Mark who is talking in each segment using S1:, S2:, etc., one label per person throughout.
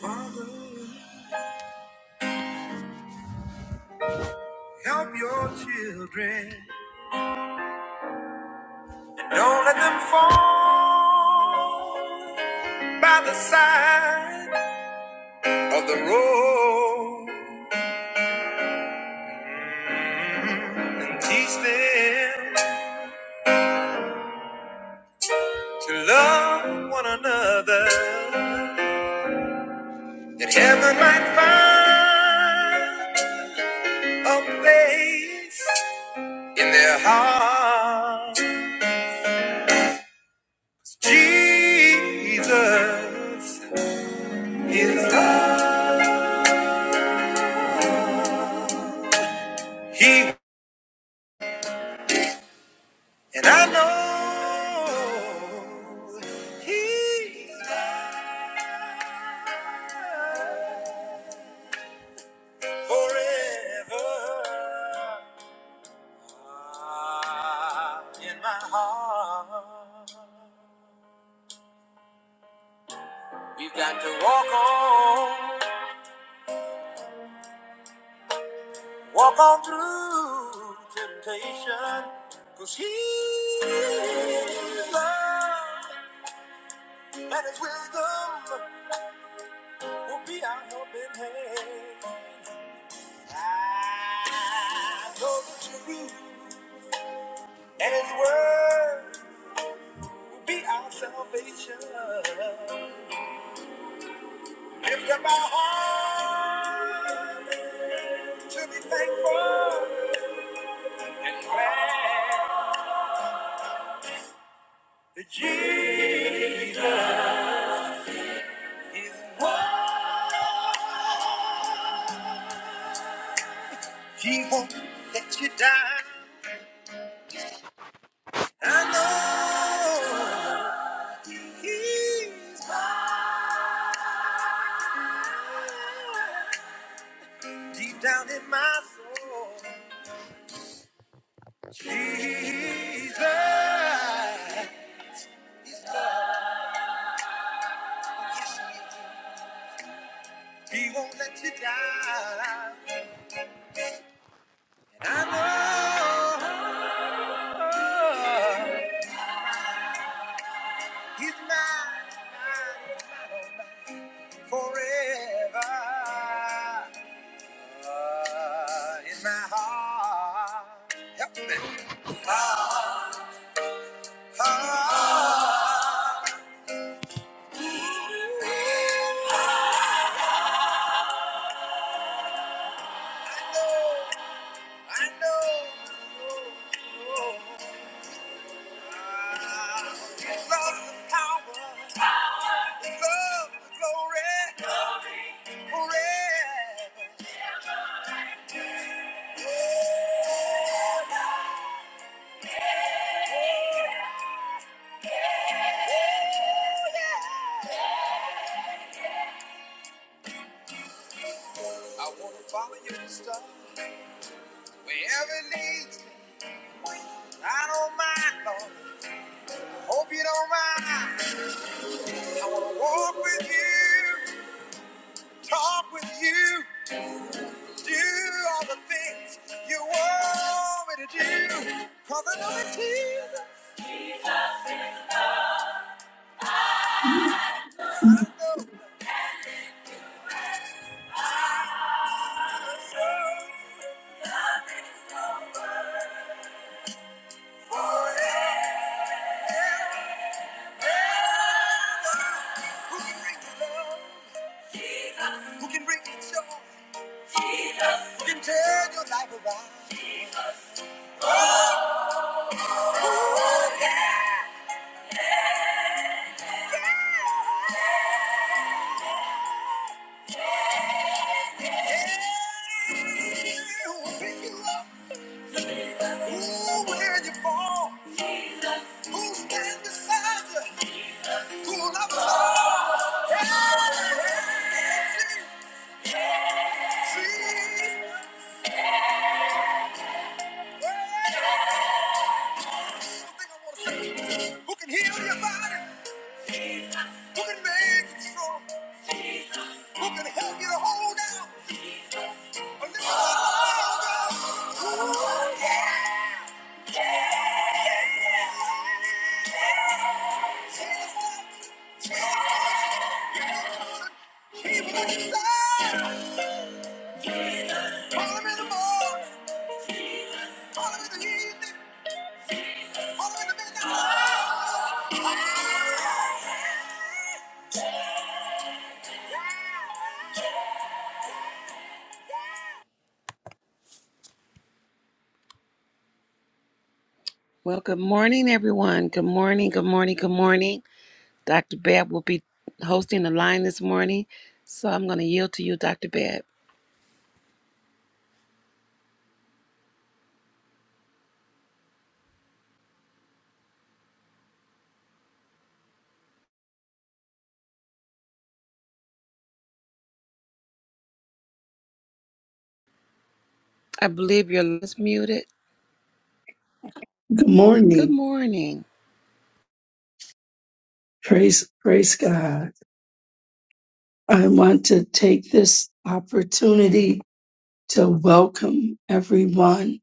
S1: Father, help your children. Don't let them fall by the side of the road. And teach them to love one another. That heaven might find a place in their hearts. Jesus. is God. He and I know He's God forever in my heart. We've got to walk on, walk on through temptation, 'cause He is love. And his wisdom will be our helping hand. I know the truth, and his word will be our salvation. Lift up our hearts to be thankful and glad that Jesus is Lord. He won't let you down. I know. He's mine. Deep down in my soul, Jesus. He's mine. Yes, he is. He won't let you down. I know He's mine, mine, mine forever in my heart. Help me. I wanna follow you to start wherever it leads me. I don't mind, Lord. Hope you don't mind. I wanna walk with you, talk with you. do all the things you want me to do. Cause I know it's Jesus. I
S2: Good
S1: know who can bring you love, who can bring you joy, who can turn your life around. Yeah, who will pick you up, who will hear you fall, who stands beside you, who will love us all. Yeah, yeah, Jesus. Jesus. Yeah. One thing I wanna say, Who can heal your body? Who can make you strong? Who can help you to hold out? A little while longer. Ooh, yeah. Jesus, Jesus. Keep on your side. Call him in the morning. Call him in the evening. Call him in the midnight. hour. Well, good morning, everyone. Good morning, good morning, good morning. Dr. Babb will be hosting the line this morning, so I'm going to yield to you, Dr. Babb. I believe your line is muted. Good
S2: morning.
S1: morning.
S2: Praise, praise God. I want to take this opportunity to welcome everyone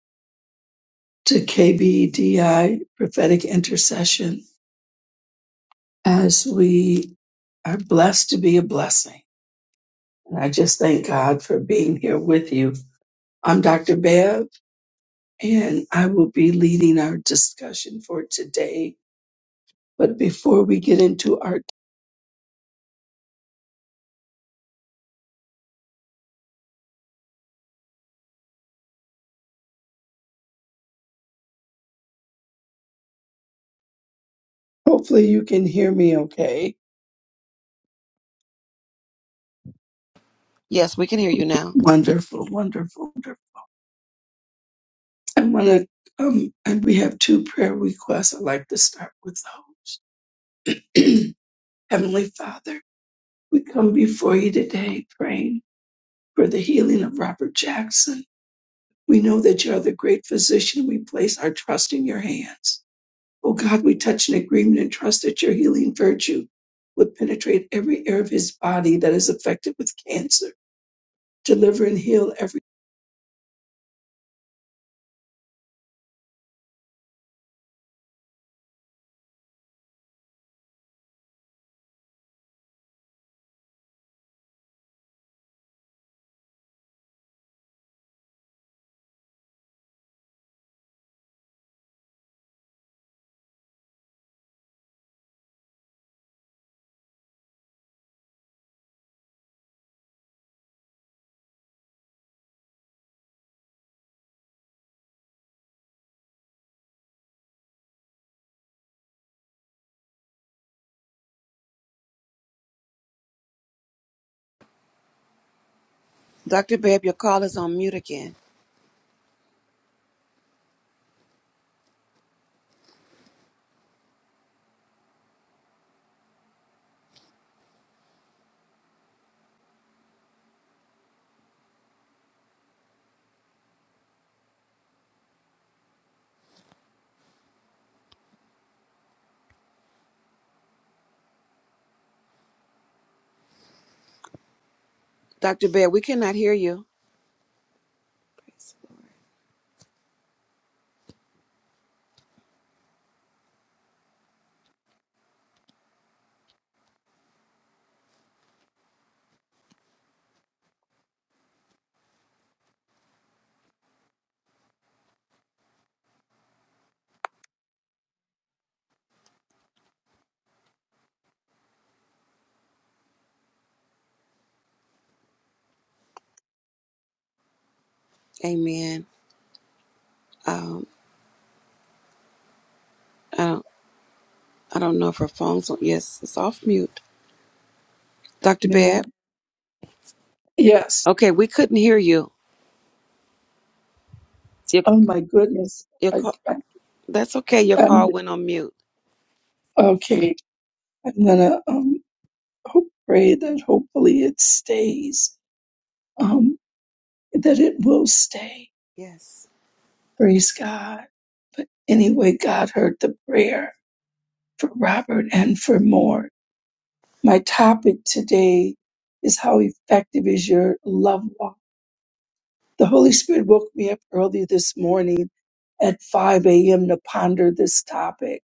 S2: to KBDI Prophetic Intercession as we are blessed to be a blessing. And I just thank God for being here with you. I'm Dr. Bev, and I will be leading our discussion for today. But before we get into our, hopefully you can hear me okay.
S1: Yes, we can hear you now.
S2: Wonderful, wonderful, wonderful. I want to, um, and we have two prayer requests. I'd like to start with those. Heavenly Father, we come before you today praying for the healing of Robert Jackson. We know that you are the great physician. We place our trust in your hands. Oh God, we touch an agreement and trust that your healing virtue would penetrate every area of his body that is affected with cancer, deliver and heal every
S1: Dr. Babb, your call is on mute again. Dr. Babb, we cannot hear you. Praise the Lord. Amen. Um, I don't, I don't know if her phone's on. Yes, it's off mute. Dr.
S2: man.
S1: Babb,
S2: Yes.
S1: okay, we couldn't hear you. Your,
S2: Oh my goodness.
S1: your
S2: I,
S1: call,
S2: I,
S1: that's okay. Your
S2: I'm
S1: call went on mute.
S2: okay. I'm gonna. um, hope pray that hopefully it stays um that it will stay
S1: Yes,
S2: praise god but anyway god heard the prayer for robert and for more my topic today is how effective is your love walk the holy spirit woke me up early this morning at 5 a.m to ponder this topic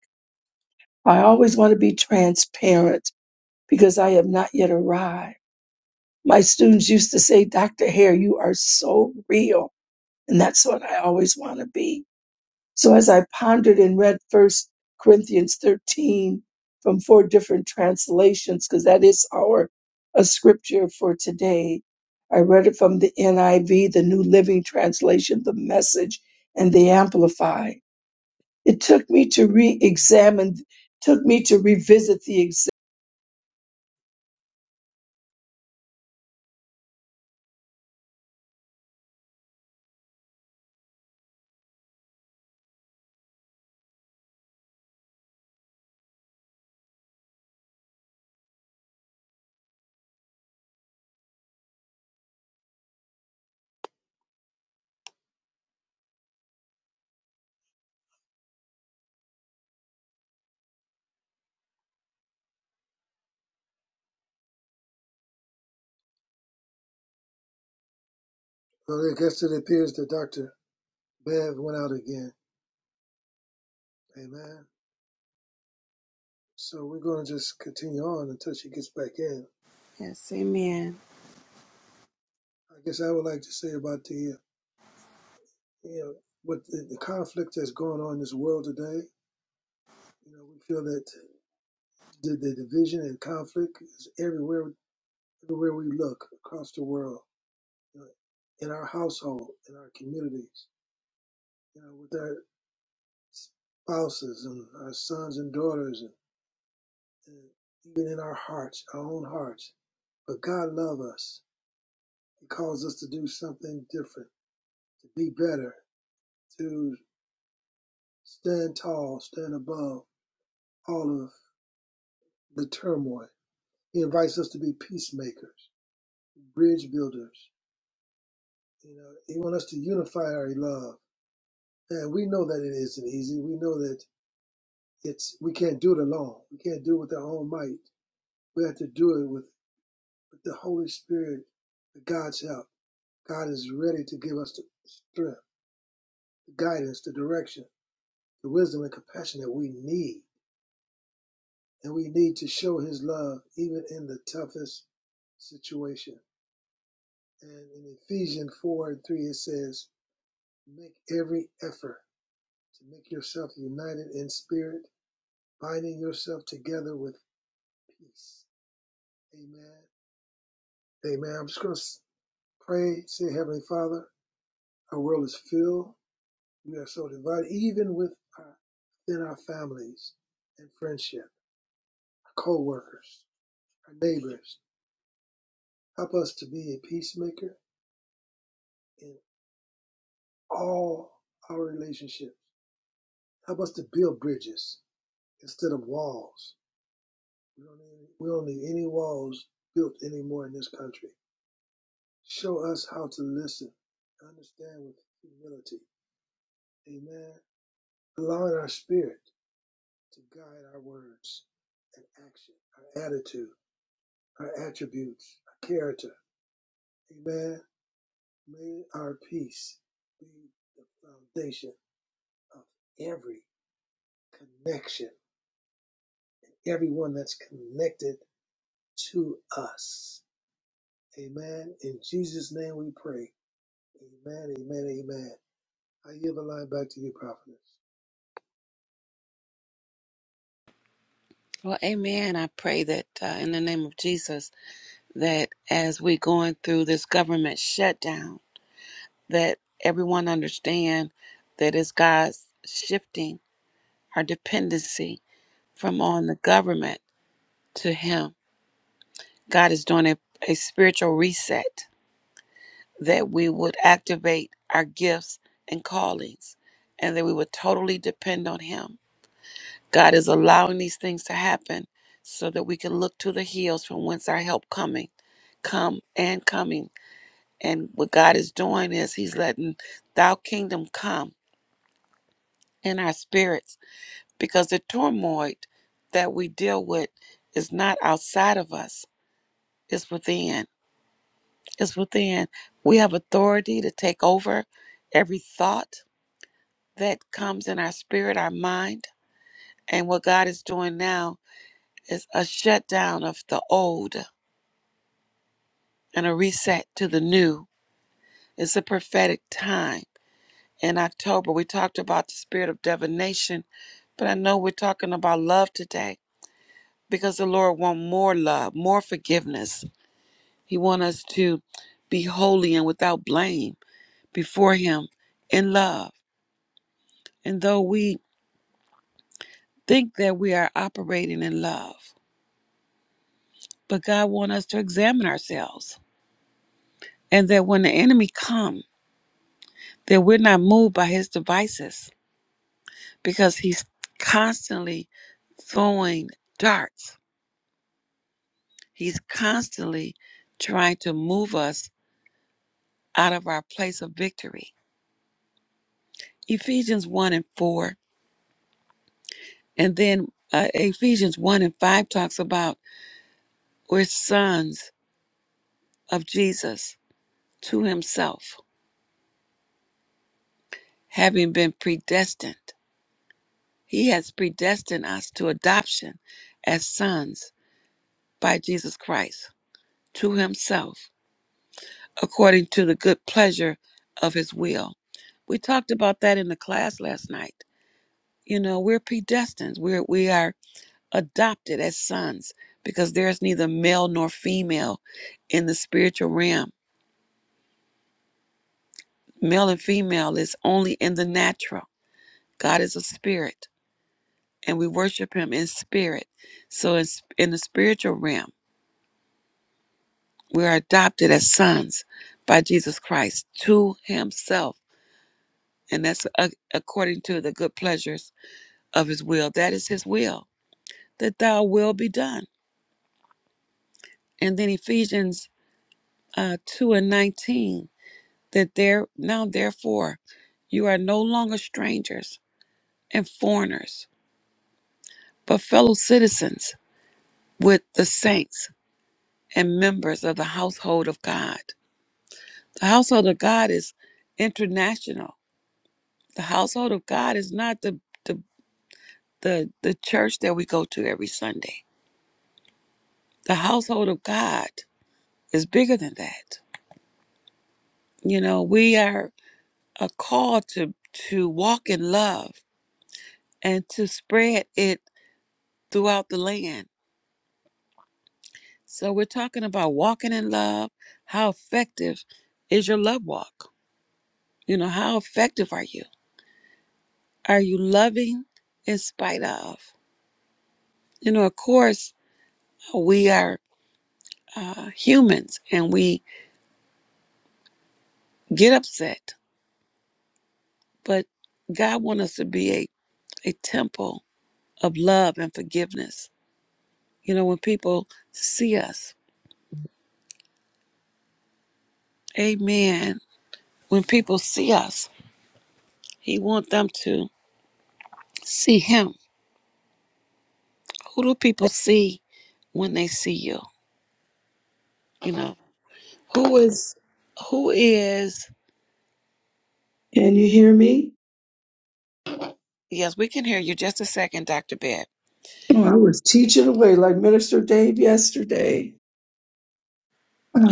S2: i always want to be transparent because i have not yet arrived my students used to say dr hare you are so real And that's what I always want to be. So as I pondered and read First Corinthians 13 from four different translations, because that is our a scripture for today, I read it from the NIV, the New Living Translation, the Message, and the Amplify. It took me to re-examine, took me to revisit the exam.
S3: Well, I guess it appears that Dr. Bev went out again. Amen. So we're going to just continue on until she gets back in.
S1: yes,
S3: And
S1: amen.
S3: I guess I would like to say about the, you know, what the, the conflict that's going on in this world today. You know, we feel that the, the division and conflict is everywhere, everywhere we look across the world, you know, in our household, in our communities, you know, with our spouses and our sons and daughters, and, and even in our hearts, our own hearts But God loves us and calls us to do something different, to be better, to stand tall, stand above all of the turmoil. He invites us to be peacemakers, bridge builders. You know, he wants us to unify our love. And we know that it isn't easy. We know that it's we can't do it alone. We can't do it with our own might. We have to do it with, with the Holy Spirit, with God's help. God is ready to give us the strength, the guidance, the direction the wisdom and compassion that we need. And we need to show his love even in the toughest situation. And in Ephesians 4 and 3, it says, Make every effort to make yourself united in spirit, binding yourself together with peace. Amen. Amen. I'm just going to pray, say, Heavenly Father, our world is filled. We are so divided, even with our, within our families and friendship, our co workers, our neighbors. Help us to be a peacemaker in all our relationships. Help us to build bridges instead of walls. We don't need, we don't need any walls built anymore in this country. Show us how to listen, understand with humility. Amen. Allowing our spirit to guide our words and action, our attitude, our attributes, our character. Amen. May our peace be the foundation of every connection everyone that's connected to us. Amen. In Jesus' name we pray. Amen, amen, amen. I give the line back to you, prophetess.
S1: Well, amen. I pray that uh, in the name of Jesus, that as we're going through this government shutdown, that everyone understand that it's God's shifting our dependency from on the government to Him. God is doing a, a spiritual reset that we would activate our gifts and callings and that we would totally depend on Him. God is allowing these things to happen so that we can look to the hills from whence our help coming, come and coming. And what God is doing is He's letting Thou kingdom come in our spirits because the turmoil that we deal with is not outside of us It's within. It's within. We have authority to take over every thought that comes in our spirit, our mind. And what God is doing now is a shutdown of the old and a reset to the new. It's a prophetic time. In October, we talked about the spirit of divination, but I know we're talking about love today because the Lord wants more love, more forgiveness. He wants us to be holy and without blame before Him in love. And though we think that we are operating in love, but God wants us to examine ourselves and that when the enemy come, that we're not moved by his devices because he's constantly throwing darts. He's constantly trying to move us out of our place of victory. Ephesians 1 and 4, and then uh, Ephesians 1 and 5 talks about we're sons of Jesus to himself, having been predestined. He has predestined us to adoption as sons by Jesus Christ to himself, according to the good pleasure of his will. We talked about that in the class last night. You know, we're predestined. We're we are adopted as sons because there is neither male nor female in the spiritual realm. Male and female is only in the natural. God is a spirit, and we worship Him in spirit. So, it's in the spiritual realm. We are adopted as sons by Jesus Christ to himself. And that's a- according to the good pleasures of his will. That is his will, that thou will be done. And then Ephesians uh, 2 and 19, that there now therefore you are no longer strangers and foreigners, but fellow citizens with the saints and members of the household of God. The household of God is international. The household of God is not the the the the church that we go to every Sunday. The household of God is bigger than that. You know, we are a call to to walk in love and to spread it throughout the land. So we're talking about walking in love. How effective is your love walk? You know, how effective are you? Are you loving in spite of? You know, of course, we are uh, humans and we get upset, but God wants us to be a a temple of love and forgiveness. You know, when people see us, amen. When
S3: Amen.
S1: people see us, he wants them to see him. Who do people see when they see you? You know, who is, who is,
S2: Can you hear me?
S1: yes, we can hear you just a second, Dr. Bed.
S2: Oh, I was teaching away like Minister Dave yesterday.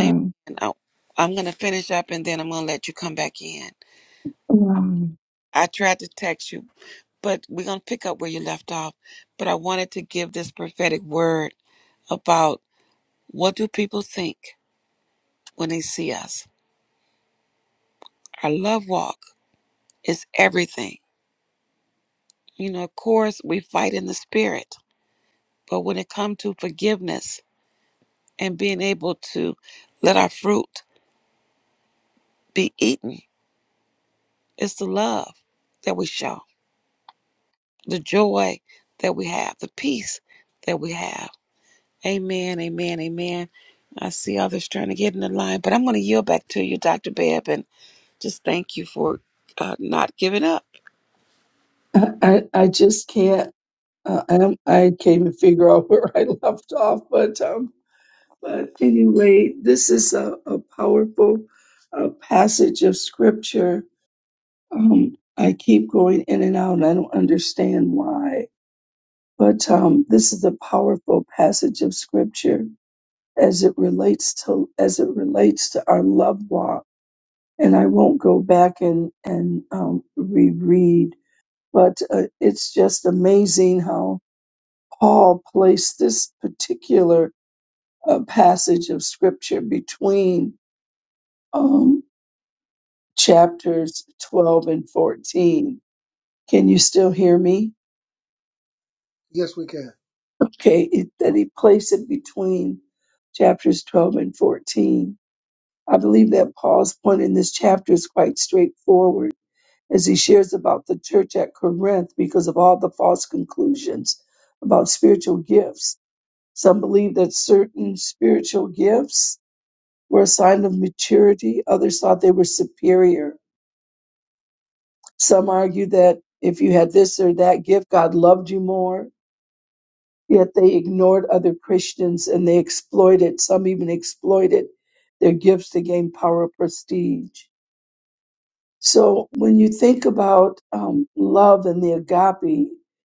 S1: Amen. Oh, I'm going to finish up and then I'm going to let you come back in.
S2: um,
S1: I tried to text you, but we're going to pick up where you left off. But I wanted to give this prophetic word about What do people think when they see us? Our love walk is everything. You know, of course, we fight in the spirit, but when it comes to forgiveness and being able to let our fruit be eaten, it's the love that we show, the joy that we have, the peace that we have. Amen, amen, amen. I see others trying to get in the line, but I'm going to yield back to you, Dr. Bebb, and just thank you for uh, not giving up.
S2: I, I I just can't. Uh, I don't- I can't even figure out where I left off. But um, but anyway, this is a, a powerful uh, passage of scripture. Um, I keep going in and out, and I don't understand why. But um, this is a powerful passage of scripture as it relates to as it relates to our love walk. And I won't go back and and um, reread, but uh, it's just amazing how Paul placed this particular uh, passage of scripture between um, chapters 12 and 14. Can you still hear me?
S3: Yes, we can.
S2: Okay, it, that he placed it between chapters 12 and 14. I believe that Paul's point in this chapter is quite straightforward as he shares about the church at Corinth because of all the false conclusions about spiritual gifts. Some believe that certain spiritual gifts were a sign of maturity. Others thought they were superior. Some argued that if you had this or that gift, God loved you more. Yet they ignored other Christians and they exploited, some even exploited their gifts to gain power or prestige. So when you think about um, love and the agape,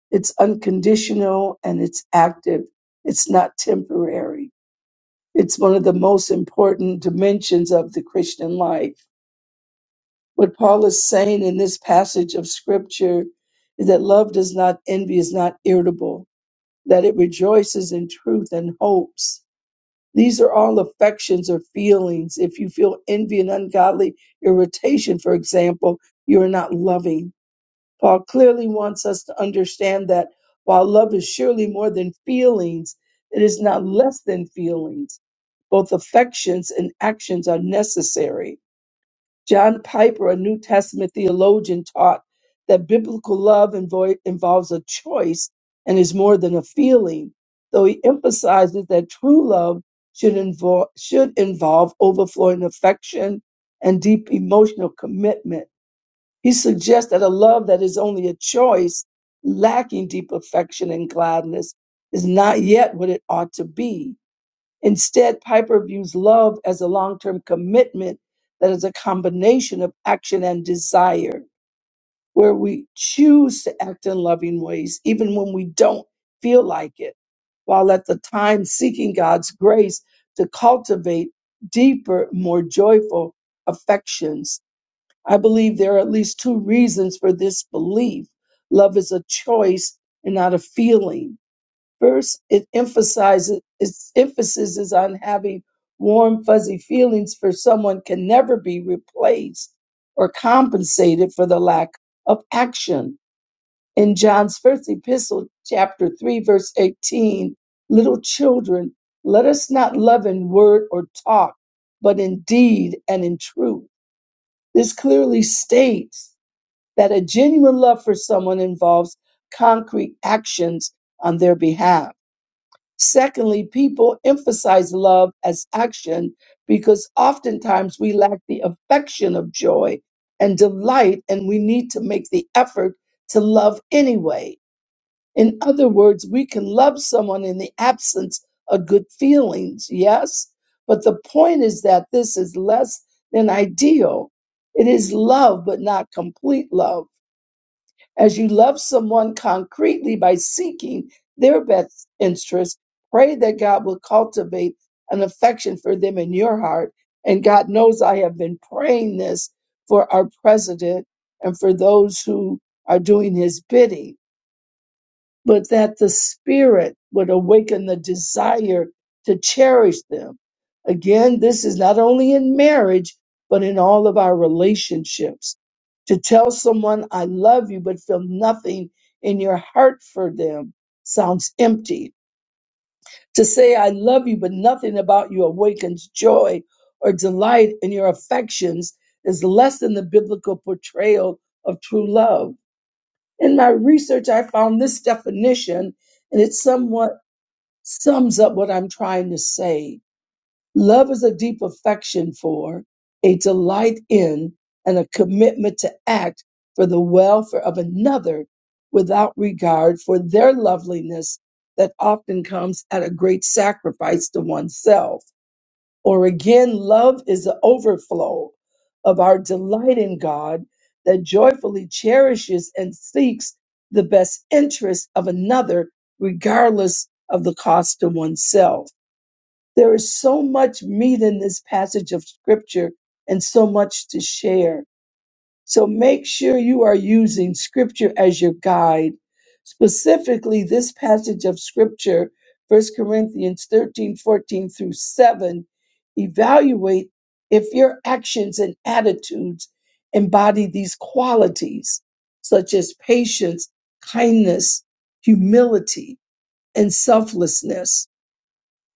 S2: it's unconditional and it's active. It's not temporary. It's one of the most important dimensions of the Christian life What Paul is saying in this passage of scripture is that love does not envy, is not irritable, that it rejoices in truth and hopes. These are all affections or feelings. If you feel envy and ungodly irritation, for example, you are not loving. Paul clearly wants us to understand that while love is surely more than feelings, it is not less than feelings. Both affections and actions are necessary. John Piper, a New Testament theologian, taught that biblical love invo- involves a choice and is more than a feeling, though he emphasizes that true love should, invo- should involve overflowing affection and deep emotional commitment. He suggests that a love that is only a choice, lacking deep affection and gladness, is not yet what it ought to be. Instead, Piper views love as a long term commitment that is a combination of action and desire, where we choose to act in loving ways, even when we don't feel like it, while at the time seeking God's grace to cultivate deeper, more joyful affections. I believe there are at least two reasons for this belief love is a choice and not a feeling First, it emphasizes its emphasis is on having warm, fuzzy feelings for someone can never be replaced or compensated for the lack of action. In John's first epistle, chapter 3, verse 18, little children, let us not love in word or talk, but in deed and in truth. This clearly states that a genuine love for someone involves concrete actions on their behalf. Secondly, people emphasize love as action because oftentimes we lack the affection of joy and delight, and we need to make the effort to love anyway. In other words, we can love someone in the absence of good feelings, yes? But the point is that this is less than ideal. It is love, but not complete love as you love someone concretely by seeking their best interest, pray that God will cultivate an affection for them in your heart. And God knows I have been praying this for our president and for those who are doing his bidding but that the Spirit would awaken the desire to cherish them. Again, this is not only in marriage, but in all of our relationships. To tell someone, I love you, but feel nothing in your heart for them sounds empty. To say, I love you, but nothing about you awakens joy or delight in your affections is less than the biblical portrayal of true love. In my research, I found this definition, and it somewhat sums up what I'm trying to say. Love is a deep affection for, a delight in, and a commitment to act for the welfare of another without regard for their loveliness that often comes at a great sacrifice to oneself. Or again, love is the overflow of our delight in God that joyfully cherishes and seeks the best interest of another, regardless of the cost to oneself. There is so much meat in this passage of scripture and so much to share. So make sure you are using scripture as your guide. Specifically, this passage of scripture, First Corinthians 13 14 through 7, evaluate if your actions and attitudes embody these qualities, such as patience, kindness, humility, and selflessness.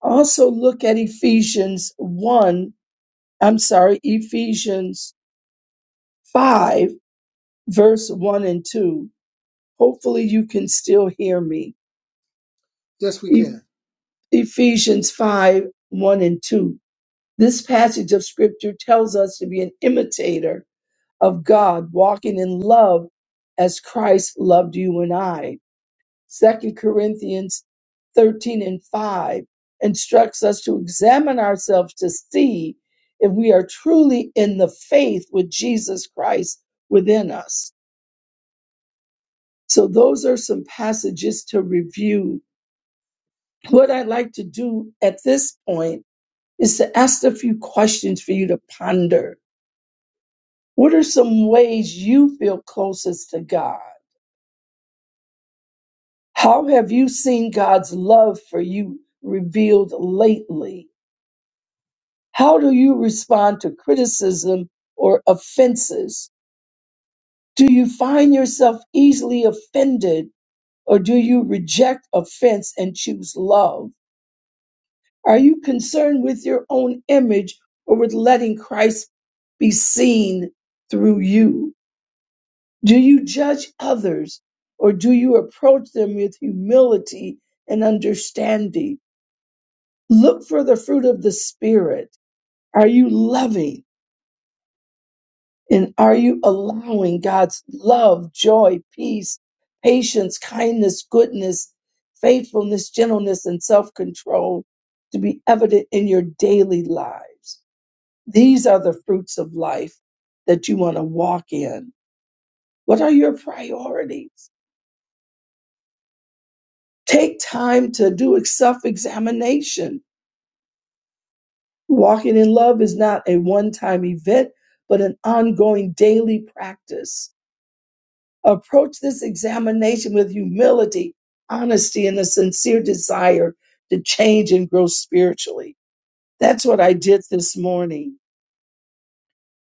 S2: Also look at Ephesians 1, I'm sorry, Ephesians 5, verse 1 and 2 Hopefully, you can still hear me.
S3: Yes, we
S2: E-
S3: can.
S2: Ephesians 5 1 and 2. This passage of scripture tells us to be an imitator of God, walking in love as Christ loved you and I. Second Corinthians 13 and 5 instructs us to examine ourselves to see if we are truly in the faith with Jesus Christ within us. So, those are some passages to review What I'd like to do at this point is to ask a few questions for you to ponder. What are some ways you feel closest to God? How have you seen God's love for you revealed lately? How do you respond to criticism or offenses? Do you find yourself easily offended or do you reject offense and choose love? Are you concerned with your own image or with letting Christ be seen through you? Do you judge others or do you approach them with humility and understanding? Look for the fruit of the Spirit. Are you loving and are you allowing God's love, joy, peace, patience, kindness, goodness, faithfulness, gentleness, and self control to be evident in your daily lives? These are the fruits of life that you want to walk in. What are your priorities? Take time to do self examination. Walking in love is not a one time event, but an ongoing daily practice. Approach this examination with humility, honesty, and a sincere desire to change and grow spiritually. That's what I did this morning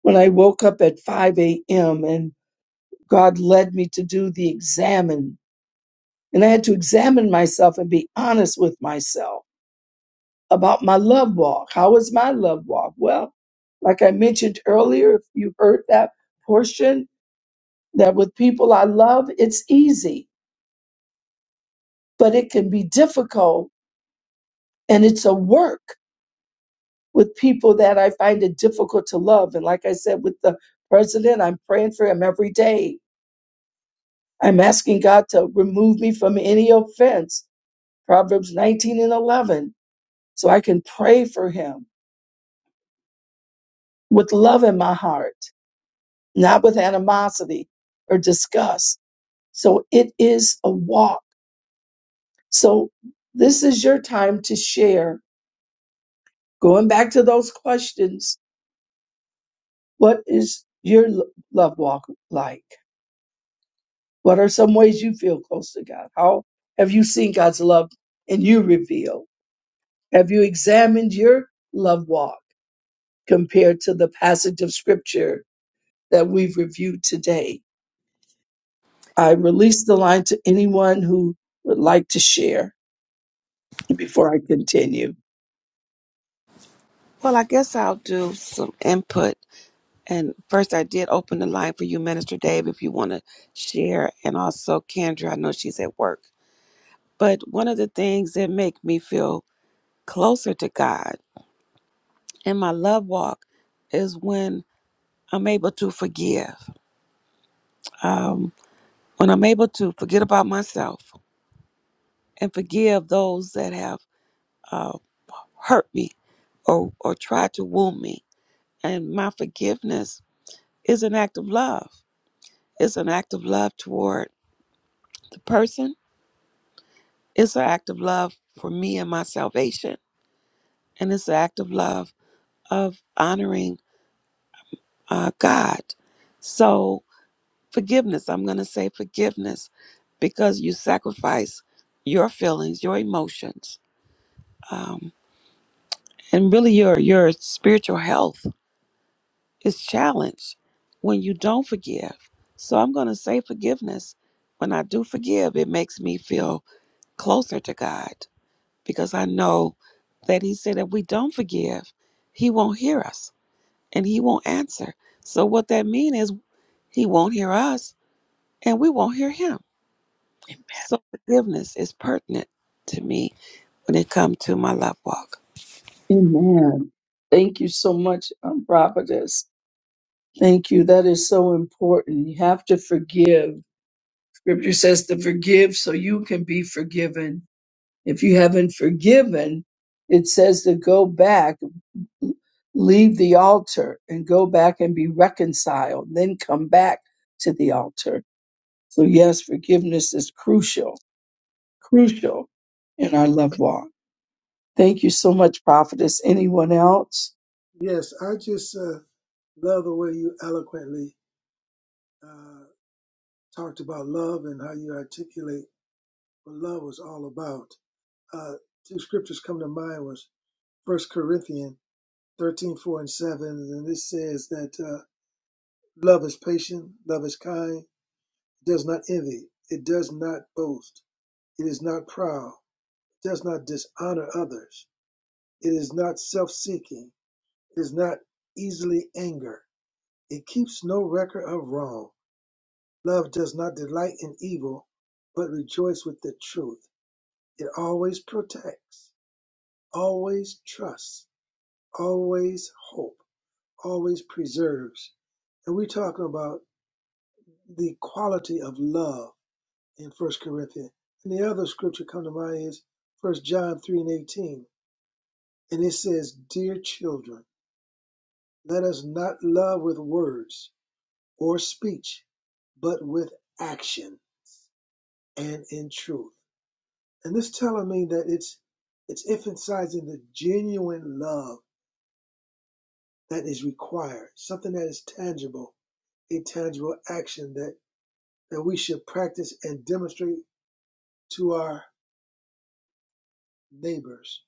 S2: when I woke up at 5 a.m. and God led me to do the examine And I had to examine myself and be honest with myself about my love walk. How is my love walk? Well, like I mentioned earlier, if you heard that portion, that with people I love, it's easy, but it can be difficult and it's a work with people that I find it difficult to love. And like I said, with the president, I'm praying for him every day. I'm asking God to remove me from any offense. Proverbs 19 and 11. So I can pray for him with love in my heart, not with animosity or disgust. So it is a walk. So this is your time to share. Going back to those questions, what is your lo- love walk like? What are some ways you feel close to God? How have you seen God's love in you revealed? Have you examined your love walk compared to the passage of scripture that we've reviewed today? I release the line to anyone who would like to share before I continue.
S1: Well, I guess I'll do some input. And first, I did open the line for you, Minister Dave, if you want to share, and also Kendra. I know she's at work. But one of the things that make me feel closer to God in my love walk is when I'm able to forgive. Um, when I'm able to forget about myself and forgive those that have uh, hurt me or or tried to wound me, and my forgiveness is an act of love It's an act of love toward the person. It's an act of love for me and my salvation. And it's an act of love of honoring uh, God. So, forgiveness, I'm going to say forgiveness because you sacrifice your feelings, your emotions, um, and really your, your spiritual health is challenged when you don't forgive. So, I'm going to say forgiveness. When I do forgive, it makes me feel closer to God because I know that He said if we don't forgive, He won't hear us and He won't answer. So what that means is He won't hear us and we won't hear Him. So forgiveness is pertinent to me when it comes to my love walk.
S2: Amen. Thank you so much, um, Prophetess. Thank you. That is so important. You have to forgive. Scripture says to forgive so you can be forgiven. If you haven't forgiven, it says to go back, leave the altar, and go back and be reconciled, then come back to the altar. So, yes, forgiveness is crucial crucial in our love walk. Thank you so much, Prophetess. Anyone else?
S3: Yes, I just uh, love the way you eloquently uh, talked about love and how you articulate what love was all about. uh, two scriptures come to mind was First Corinthians 13:4 and 7. And this says that uh, love is patient, love is kind, it does not envy, it does not boast, it is not proud, it does not dishonor others, it is not self seeking, it is not easily angered, it keeps no record of wrong. Love does not delight in evil, but rejoices with the truth. It always protects, always trusts, always hopes always preserves. And we're talking about the quality of love in First Corinthians. And the other scripture come to mind is First John 3 and 18. And it says, Dear children, let us not love with words or speech, but with action and in truth. And this telling me that it's it's emphasizing the genuine love that is required, something that is tangible, a tangible action that. that we should practice and demonstrate to our neighbors,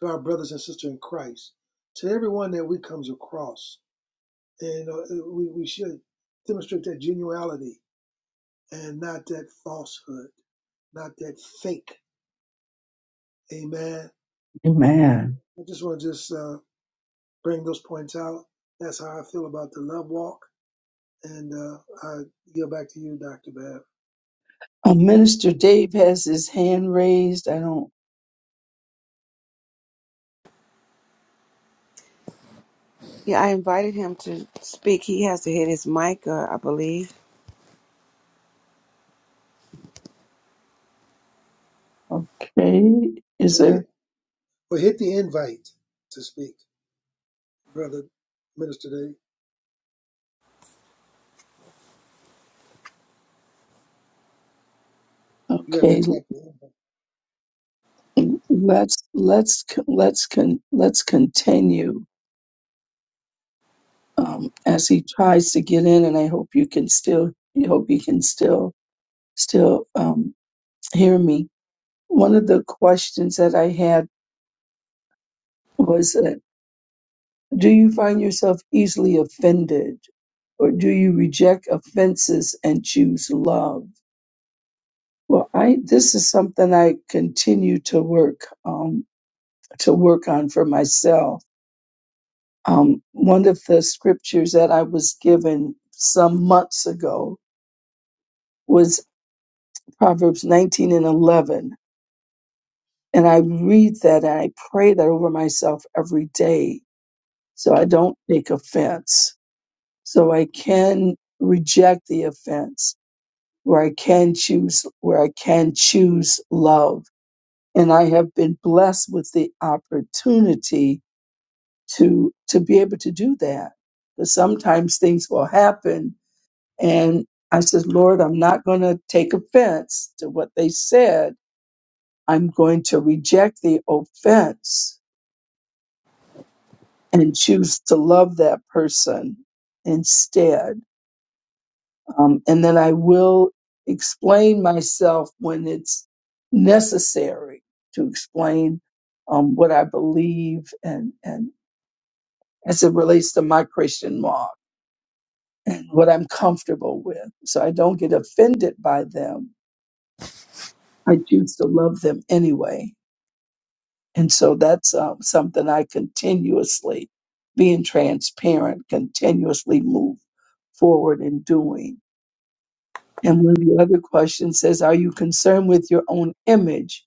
S3: to our brothers and sisters in Christ, to everyone that we comes across. And uh, we, we should demonstrate that genuality and not that falsehood, not that fake. Amen.
S2: Amen.
S3: So I just want to just uh, bring those points out. That's how I feel about the love walk. And uh, I yield back to you, Dr. Babb.
S2: Uh, Minister Dave has his hand raised. I don't.
S1: Yeah, I invited him to speak. He has to hit his mic, uh, I believe.
S2: Okay, is
S3: Or
S2: there?
S3: hit, or hit the invite to speak, Brother Minister Day. You have to
S2: Okay,
S3: tap it.
S2: l- let's let's c- let's con, let's continue um, as he tries to get in, and I hope you can still. I hope you can still still um, hear me. One of the questions that I had was Do you find yourself easily offended, or do you reject offenses and choose love? Well, I this is something I continue to work um, to work on for myself. Um, one of the scriptures that I was given some months ago was Proverbs 19 and 11, and I read that and I pray that over myself every day, so I don't take offense, so I can reject the offense where I can choose, where I can choose love. And I have been blessed with the opportunity to, to be able to do that. But sometimes things will happen and I said, Lord, I'm not going to take offense to what they said. I'm going to reject the offense and choose to love that person instead Um, and then I will explain myself when it's necessary to explain um, what I believe and, and as it relates to my Christian walk and what I'm comfortable with. So I don't get offended by them. I choose to love them anyway. And so that's um, something I continuously, being transparent, continuously move forward in doing. And one of the other questions says, Are you concerned with your own image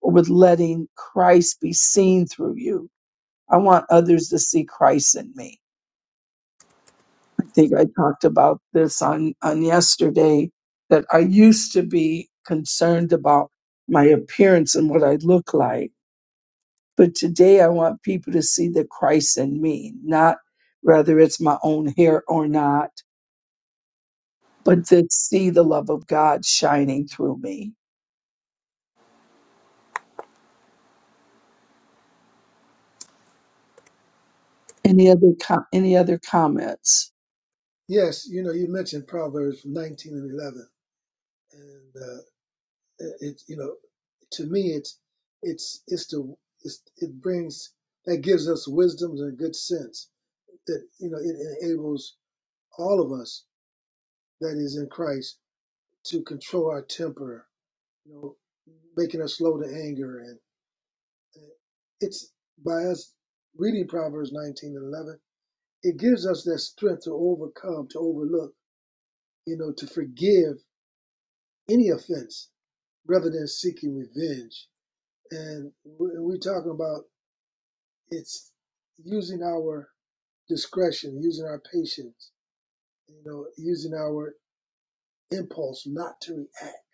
S2: or with letting Christ be seen through you? I want others to see Christ in me. I think I talked about this on, on yesterday that I used to be concerned about my appearance and what I look like. But today I want people to see the Christ in me, not whether it's my own hair or not, but to see the love of God shining through me Any other com- any other comments?
S3: Yes, you know, you mentioned Proverbs 19 and 11, and uh, it, it- you know, to me, it's it's it's the it's, it brings that gives us wisdom and good sense that you know it enables all of us that is in Christ to control our temper, you know, making us slow to anger, and and it's by us reading Proverbs 19 and 11, it gives us that strength to overcome, to overlook, you know, to forgive any offense rather than seeking revenge. And we- we're talking about it's using our discretion, using our patience, you know, using our impulse not to react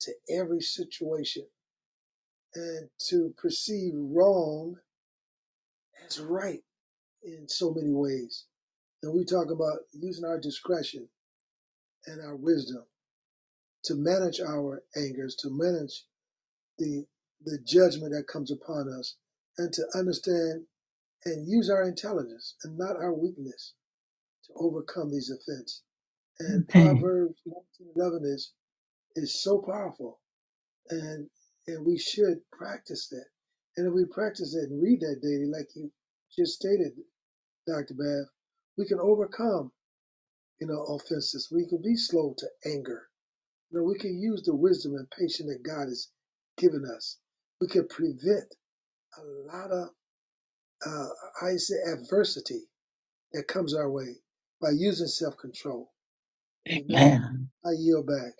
S3: to every situation and to perceive wrong as right in so many ways. And we talk about using our discretion and our wisdom to manage our angers, to manage the the judgment that comes upon us, and to understand and use our intelligence and not our weakness to overcome these offenses. And Proverbs nineteen 11 is, is so powerful, and and we should practice that. And if we practice that and read that daily, like you just stated, Dr. Bath, we can overcome, you know, offenses. We can be slow to anger. You know, we can use the wisdom and patience that God has given us. We can prevent a lot of uh, I say adversity that comes our way by using self control. Amen.
S2: Amen.
S3: I yield back.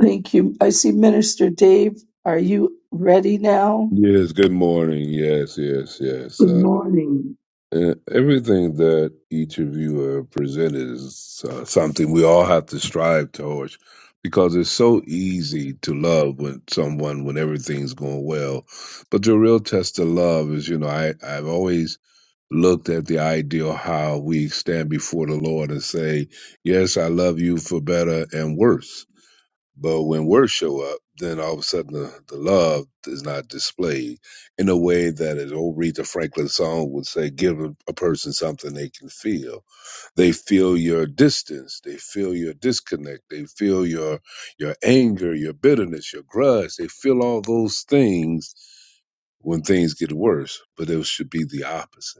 S2: Thank you. I see Minister Dave. Are you ready now?
S4: Yes, good morning. Yes, yes, yes.
S2: Good
S4: Uh,
S2: morning.
S4: and everything that each of you have presented is uh, something we all have to strive towards because it's so easy to love when someone when everything's going well. But the real test of love is, you know, I, I've always looked at the ideal how we stand before the Lord and say, Yes, I love you for better and worse but when words show up, then all of a sudden the, the love is not displayed in a way that an old Aretha Franklin song would say, give a, a person something they can feel. They feel your distance. They feel your disconnect. They feel your, your anger, your bitterness, your grudge. They feel all those things when things get worse, but it should be the opposite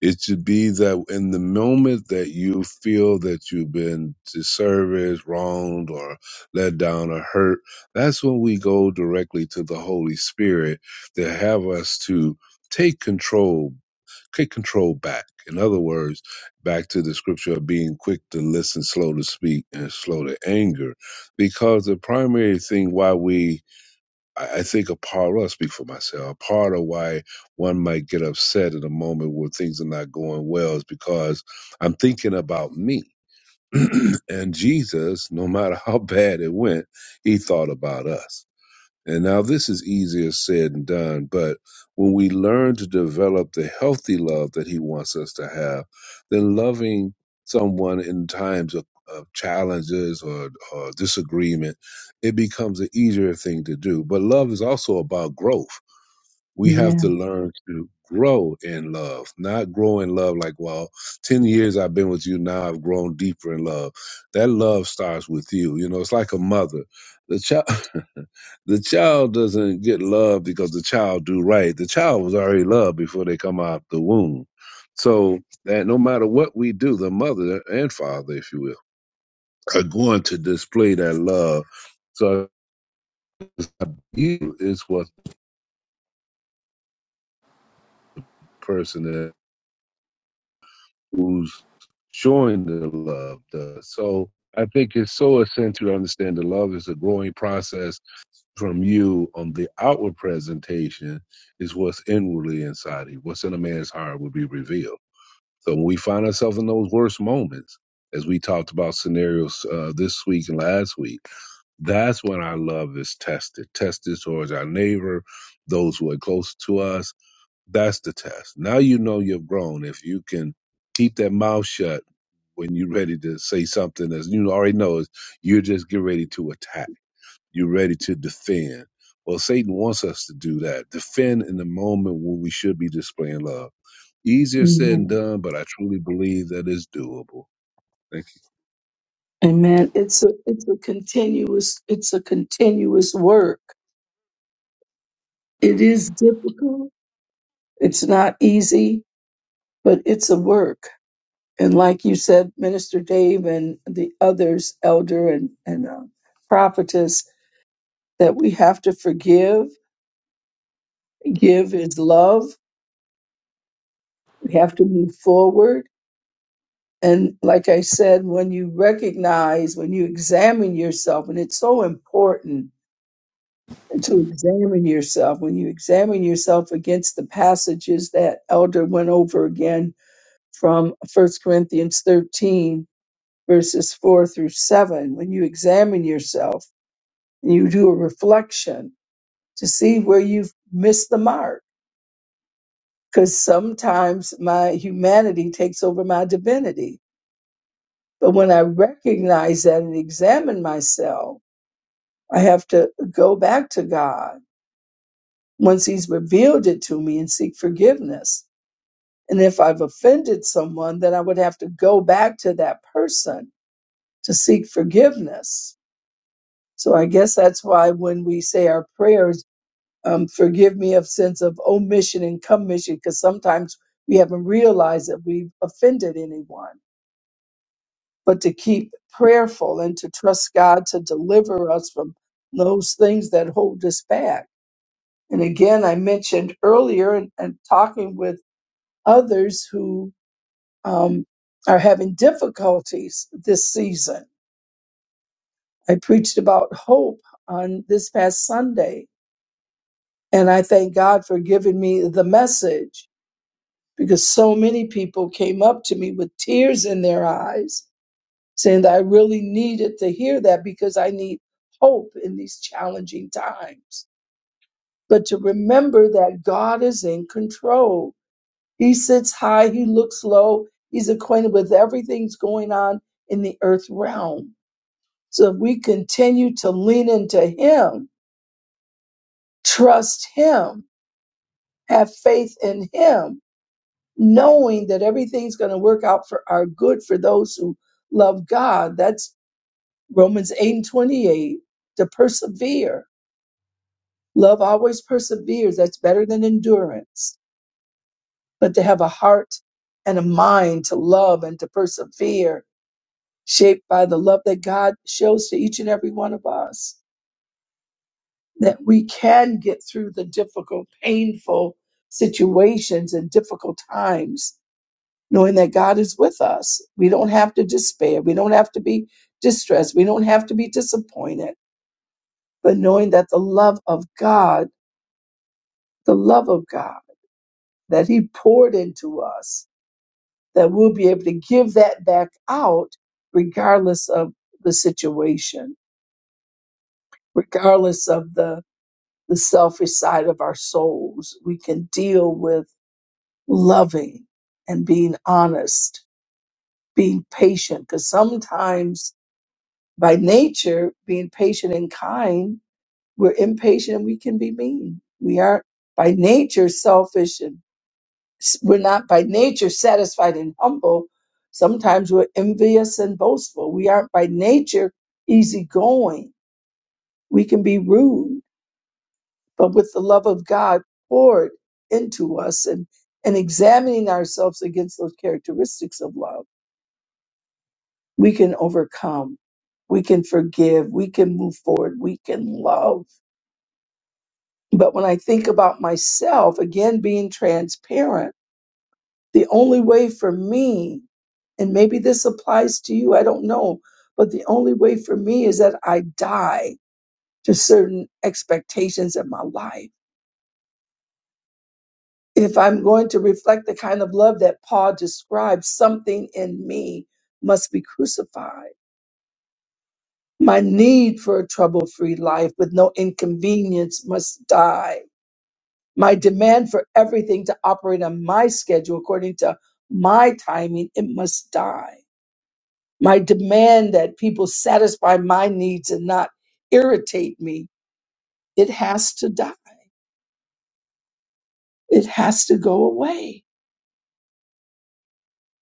S4: it should be that in the moment that you feel that you've been disserviced, wronged, or let down or hurt, that's when we go directly to the Holy Spirit to have us to take control, take control back. In other words, back to the scripture of being quick to listen, slow to speak, and slow to anger. Because the primary thing why we I I think a part of, speak for myself, a part of why one might get upset in a moment where things are not going well is because I'm thinking about me. and Jesus, no matter how bad it went, he thought about us. And now this is easier said than done, but when we learn to develop the healthy love that He wants us to have, then loving someone in times of, of challenges or, or disagreement, it becomes an easier thing to do. But love is also about growth we have to
S2: Amen.
S4: learn to grow in love, not grow in love like, well, 10 years I've been with you, now I've grown deeper in love. That love starts with you. You know, it's like a mother. The child the child doesn't get love because the child do right. The child was already loved before they come out the womb. So that no matter what we do, the mother and father, if you will, are going to display that love. So you is what the person is. who's showing the love does. So I think it's so essential to understand that love is a growing process from you on the outward presentation is what's inwardly inside you. What's in a man's heart will be revealed. So when we find ourselves in those worst moments, as we talked about scenarios uh, this week and last week, that's when our love is tested. Tested towards our neighbor, those who are close to us. That's the test. Now you know you've grown if you can keep that mouth shut when you're ready to say something that's you already know you're just getting ready to attack. You're ready to defend. Well, Satan wants us to do that. Defend in the moment when we should be displaying love. Easier said than
S2: Amen.
S4: done, but I truly believe that it's doable. Thank
S2: Amen. It's a it's a continuous it's a continuous work. It is difficult. It's not easy, but it's a work. And like you said, Minister Dave and the others, elder and and uh, prophetess, that we have to forgive. Give is love, We have to move forward. And like I said, when you recognize, when you examine yourself, and it's so important to examine yourself, when you examine yourself against the passages that Elder went over again from First Corinthians 13, verses 4 through 7, when you examine yourself and you do a reflection to see where you've missed the mark, because sometimes my humanity takes over my divinity But when I recognize that and examine myself, I have to go back to God once He's revealed it to me and seek forgiveness. And if I've offended someone, then I would have to go back to that person to seek forgiveness. So I guess that's why when we say our prayers, um, forgive me of sins of omission and commission, because sometimes we haven't realized that we've offended anyone. but to keep prayerful and to trust God to deliver us from those things that hold us back. And again, I mentioned earlier and, and talking with others who um, are having difficulties this season. I preached about hope on this past Sunday, and I thank God for giving me the message because so many people came up to me with tears in their eyes saying that I really needed to hear that because I need hope in these challenging times. But to remember that God is in control. He sits high, he looks low, he's acquainted with everything's going on in the earth realm. So if we continue to lean into him, trust him, have faith in him, knowing that everything's going to work out for our good for those who love God. That's Romans 8 and 28, to persevere. Love always perseveres. That's better than endurance. But to have a heart and a mind to love and to persevere, shaped by the love that God shows to each and every one of us, that we can get through the difficult, painful situations and difficult times, knowing that God is with us. We don't have to despair. We don't have to be distressed. We don't have to be disappointed, but knowing that the love of God the love of God that He poured into us, that we'll be able to give that back out regardless of the situation, regardless of the, the selfish side of our souls. We can deal with loving and being honest, being patient, because sometimes by nature, being patient and kind, we're impatient and we can be mean. We are by nature selfish and. s- we're not by nature satisfied and humble. Sometimes we're envious and boastful. We aren't by nature easygoing. We can be rude, but with the love of God poured into us and, and examining ourselves against those characteristics of love, we can overcome. We can forgive. We can move forward. We can love. But when I think about myself, again, being transparent, The only way for me, and maybe this applies to you, I don't know, but the only way for me is that I die to certain expectations in my life. If I'm going to reflect the kind of love that Paul describes, something in me must be crucified. My need for a trouble free life with no inconvenience must die. My demand for everything to operate on my schedule according to my timing, it must die my demand that people satisfy my needs and not irritate me, it has to die. It has to go away.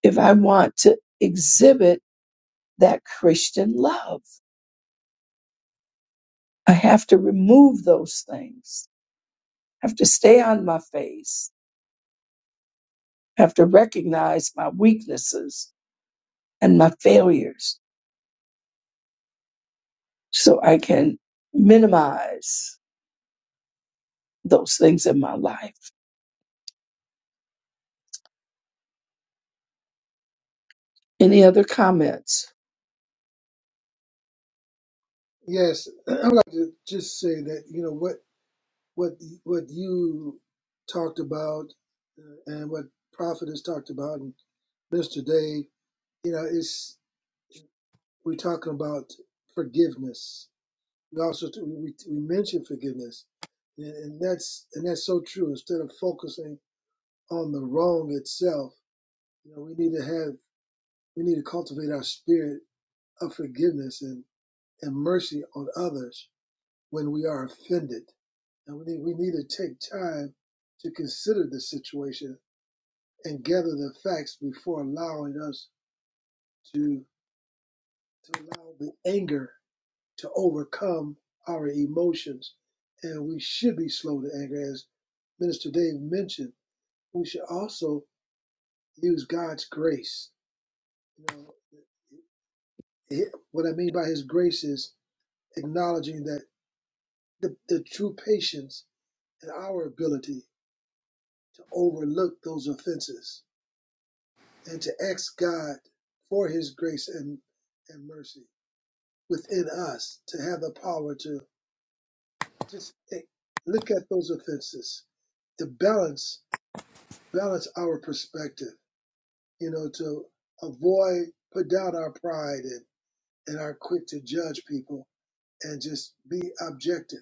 S2: If I want to exhibit that Christian love, I have to remove those things. I have to stay on my face. I have to recognize my weaknesses and my failures so I can minimize those things in my life. Any other comments?
S3: Yes, I would like to just say that you know what what what you talked about uh, and what Prophet has talked about and Mr. Dave, you know, it's we're talking about forgiveness. We also we we mentioned forgiveness, and, and that's and that's so true. Instead of focusing on the wrong itself, you know, we need to have we need to cultivate our spirit of forgiveness and, and mercy on others when we are offended. And we need, we need to take time to consider the situation and gather the facts before allowing us to, to allow the anger to overcome our emotions. And we should be slow to anger. As Minister Dave mentioned, we should also use God's grace. You know, it- what I mean by his grace is acknowledging that the, the true patience and our ability to overlook those offenses and to ask God for His grace and, and mercy within us to have the power to just eh, look at those offenses, to balance balance our perspective, you know, to avoid put down our pride and, and our quick to judge people and just be objective.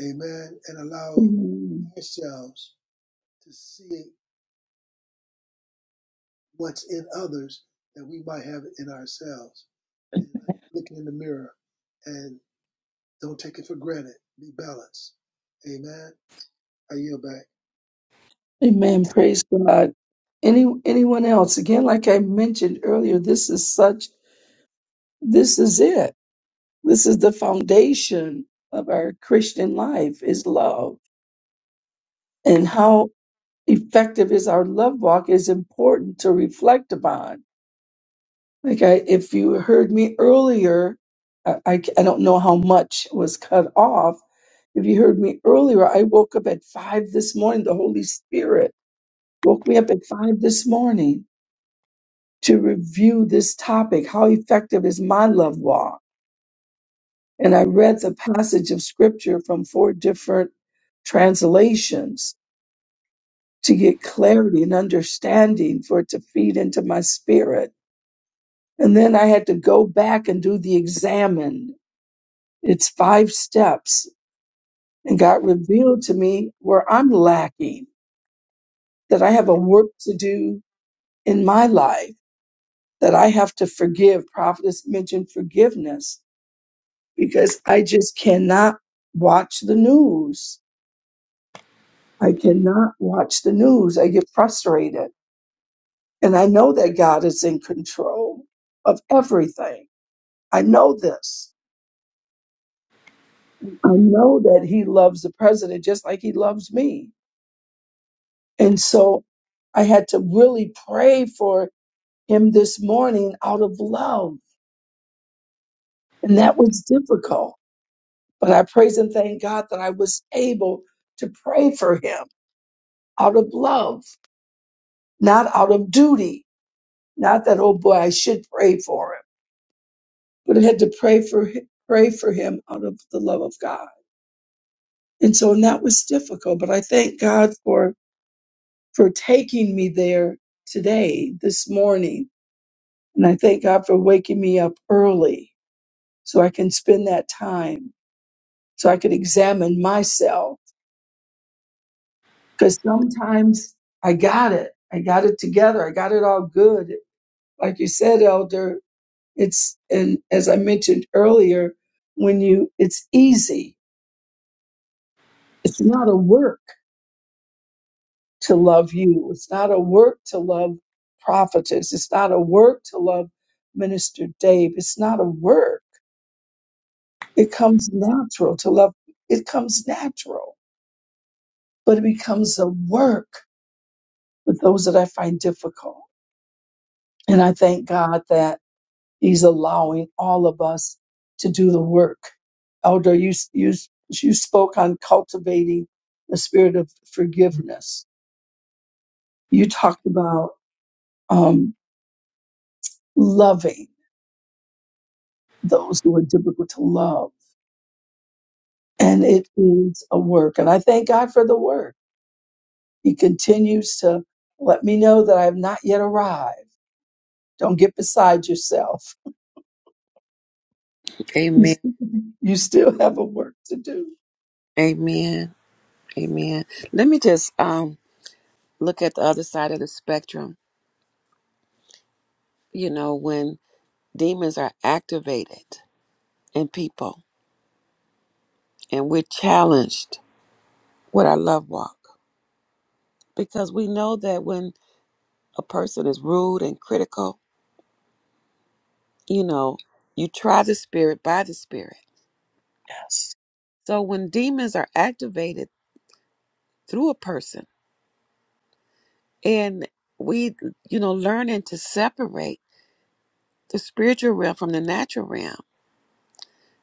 S3: Amen. And allow ourselves to see. what's in others that we might have in ourselves. And like looking in the mirror and don't take it for granted. Be balanced. Amen. I yield back.
S2: Amen. Praise God. Any anyone else? Again, like I mentioned earlier, this is such this is it. This is the foundation of our Christian life is love. And how effective is our love walk is important to reflect upon. Like I if you heard me earlier, I, I c- I don't know how much was cut off. If you heard me earlier, I woke up at five this morning. The Holy Spirit woke me up at five this morning to review this topic. How effective is my love walk? And I read the passage of scripture from four different translations to get clarity and understanding for it to feed into my spirit. And then I had to go back and do the examine. It's five steps. And God revealed to me where I'm lacking, that I have a work to do in my life, that I have to forgive. Prophetess mentioned forgiveness because I just cannot watch the news. I cannot watch the news. I get frustrated. And I know that God is in control of everything. I know this. I know that He loves the president just like He loves me. And so I had to really pray for him this morning out of love. And that was difficult. But I praise and thank God that I was able to pray for him out of love, not out of duty Not that, oh boy, I should pray for him, but I had to pray for him, pray for him out of the love of God. And so and that was difficult, but I thank God for, for taking me there today, this morning. And I thank God for waking me up early so I can spend that time, so I can examine myself. Cause sometimes I got it. I got it together. I got it all good. Like you said, Elder, It's and as I mentioned earlier, when you it's easy. It's not a work to love you. It's not a work to love prophetess. It's not a work to love Minister Dave. It's not a work. It comes natural to love. It comes natural, but it becomes a work with those that I find difficult. And I thank God that He's allowing all of us to do the work. Elder, you, you, you spoke on cultivating the spirit of forgiveness. You talked about um, loving those who are difficult to love. And it is a work. And I thank God for the work. He continues to let me know that I have not yet arrived. Don't get beside yourself. You
S1: Amen.
S2: still you still have a work to do.
S1: Amen. Amen. Let me just um look at the other side of the spectrum. You know when demons are activated in people and we're challenged with our love walk because we know that when a person is rude and critical you know you try the spirit by the spirit
S2: Yes.
S1: so when demons are activated through a person and we you know learning to separate the spiritual realm from the natural realm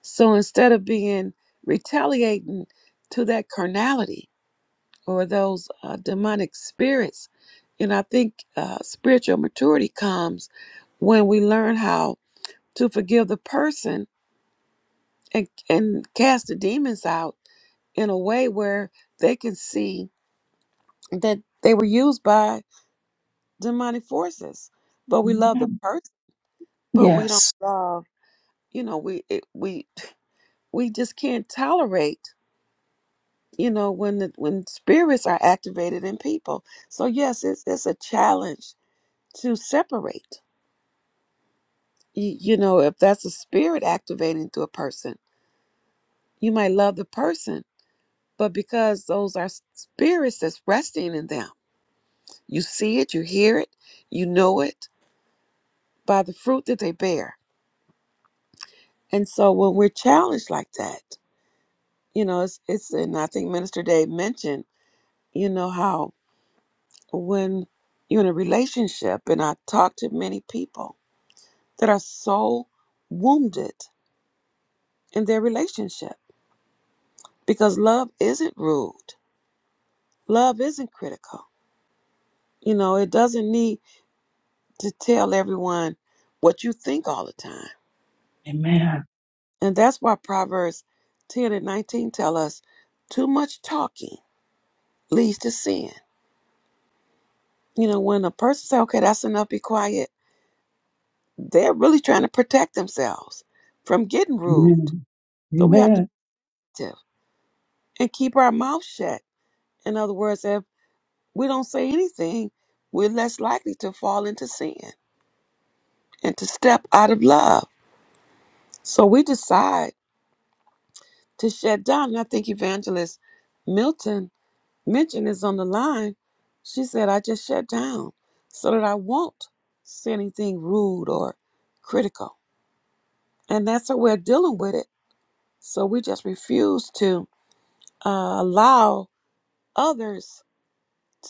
S1: so instead of being retaliating to that carnality or those uh, demonic spirits. And I think uh, spiritual maturity comes when we learn how to forgive the person and, and cast the demons out in a way where they can see that they were used by demonic forces. But we love the
S2: Amen.
S1: person, but we don't
S2: Yes.
S1: love, you know, we it, we we just can't tolerate, you know, when the when spirits are activated in people. So yes, it's it's a challenge to separate. you, you know, if that's a spirit activating through a person, you might love the person, but because those are spirits that's resting in them, you see it, you hear it, you know it by the fruit that they bear. And so when we're challenged like that, you know, it's, it's and I think Minister Dave mentioned, you know, how when you're in a relationship, and I talk to many people that are so wounded in their relationship because love isn't rude Love isn't critical. You know, it doesn't need to tell everyone what you think all the time.
S2: Amen.
S1: And that's why Proverbs 10 and 19 tell us too much talking leads to sin. You know, when a person says, okay, that's enough, be quiet, they're really trying to protect themselves from getting rude.
S2: Amen.
S1: So we have to
S2: Amen.
S1: be active and keep our mouth shut. In other words, if we don't say anything, we're less likely to fall into sin and to step out of love. So we decide. to shut down. And I think Evangelist Milton mentioned is on the line. She said, I just shut down so that I won't say anything rude or critical. And that's how we're dealing with it. So we just refuse to uh, allow others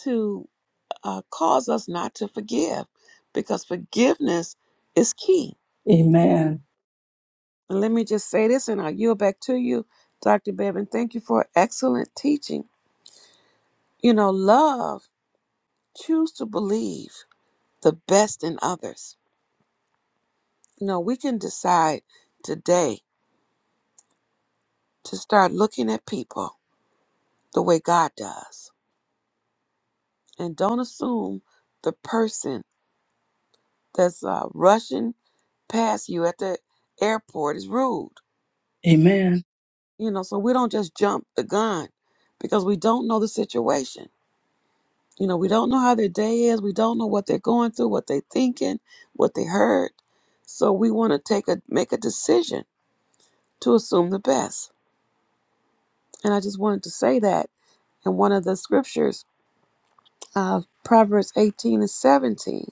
S1: to uh, cause us not to forgive because forgiveness is key.
S2: Amen.
S1: And let me just say this and I'll yield back to you, Dr. Bevan. Thank you for excellent teaching. You know, love choose to believe the best in others. You know, we can decide today to start looking at people the way God does and don't assume the person that's uh, rushing past you at the airport is rude.
S2: Amen.
S1: You know, so we don't just jump the gun because we don't know the situation. You know, we don't know how their day is. We don't know what they're going through, what they're thinking, what they heard. So we want to take a make a decision to assume the best. And I just wanted to say that in one of the scriptures, uh, Proverbs 18 and 17.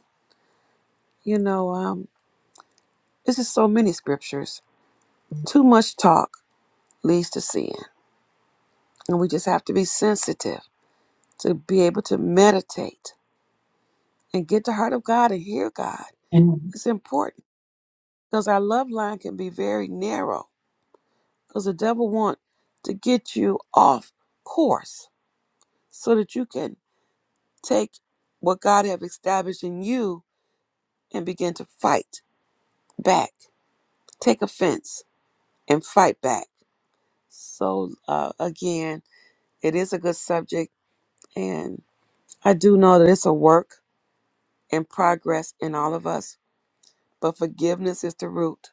S1: You know, um, this is so many scriptures. Too much talk leads to sin. And we just have to be sensitive to be able to meditate and get the heart of God and hear God.
S2: Amen.
S1: It's important because our love line can be very narrow because the devil wants to get you off course so that you can take what God have established in you and begin to fight back, take offense, and fight back. So, uh, again, it is a good subject, and I do know that it's a work in progress in all of us, but forgiveness is the root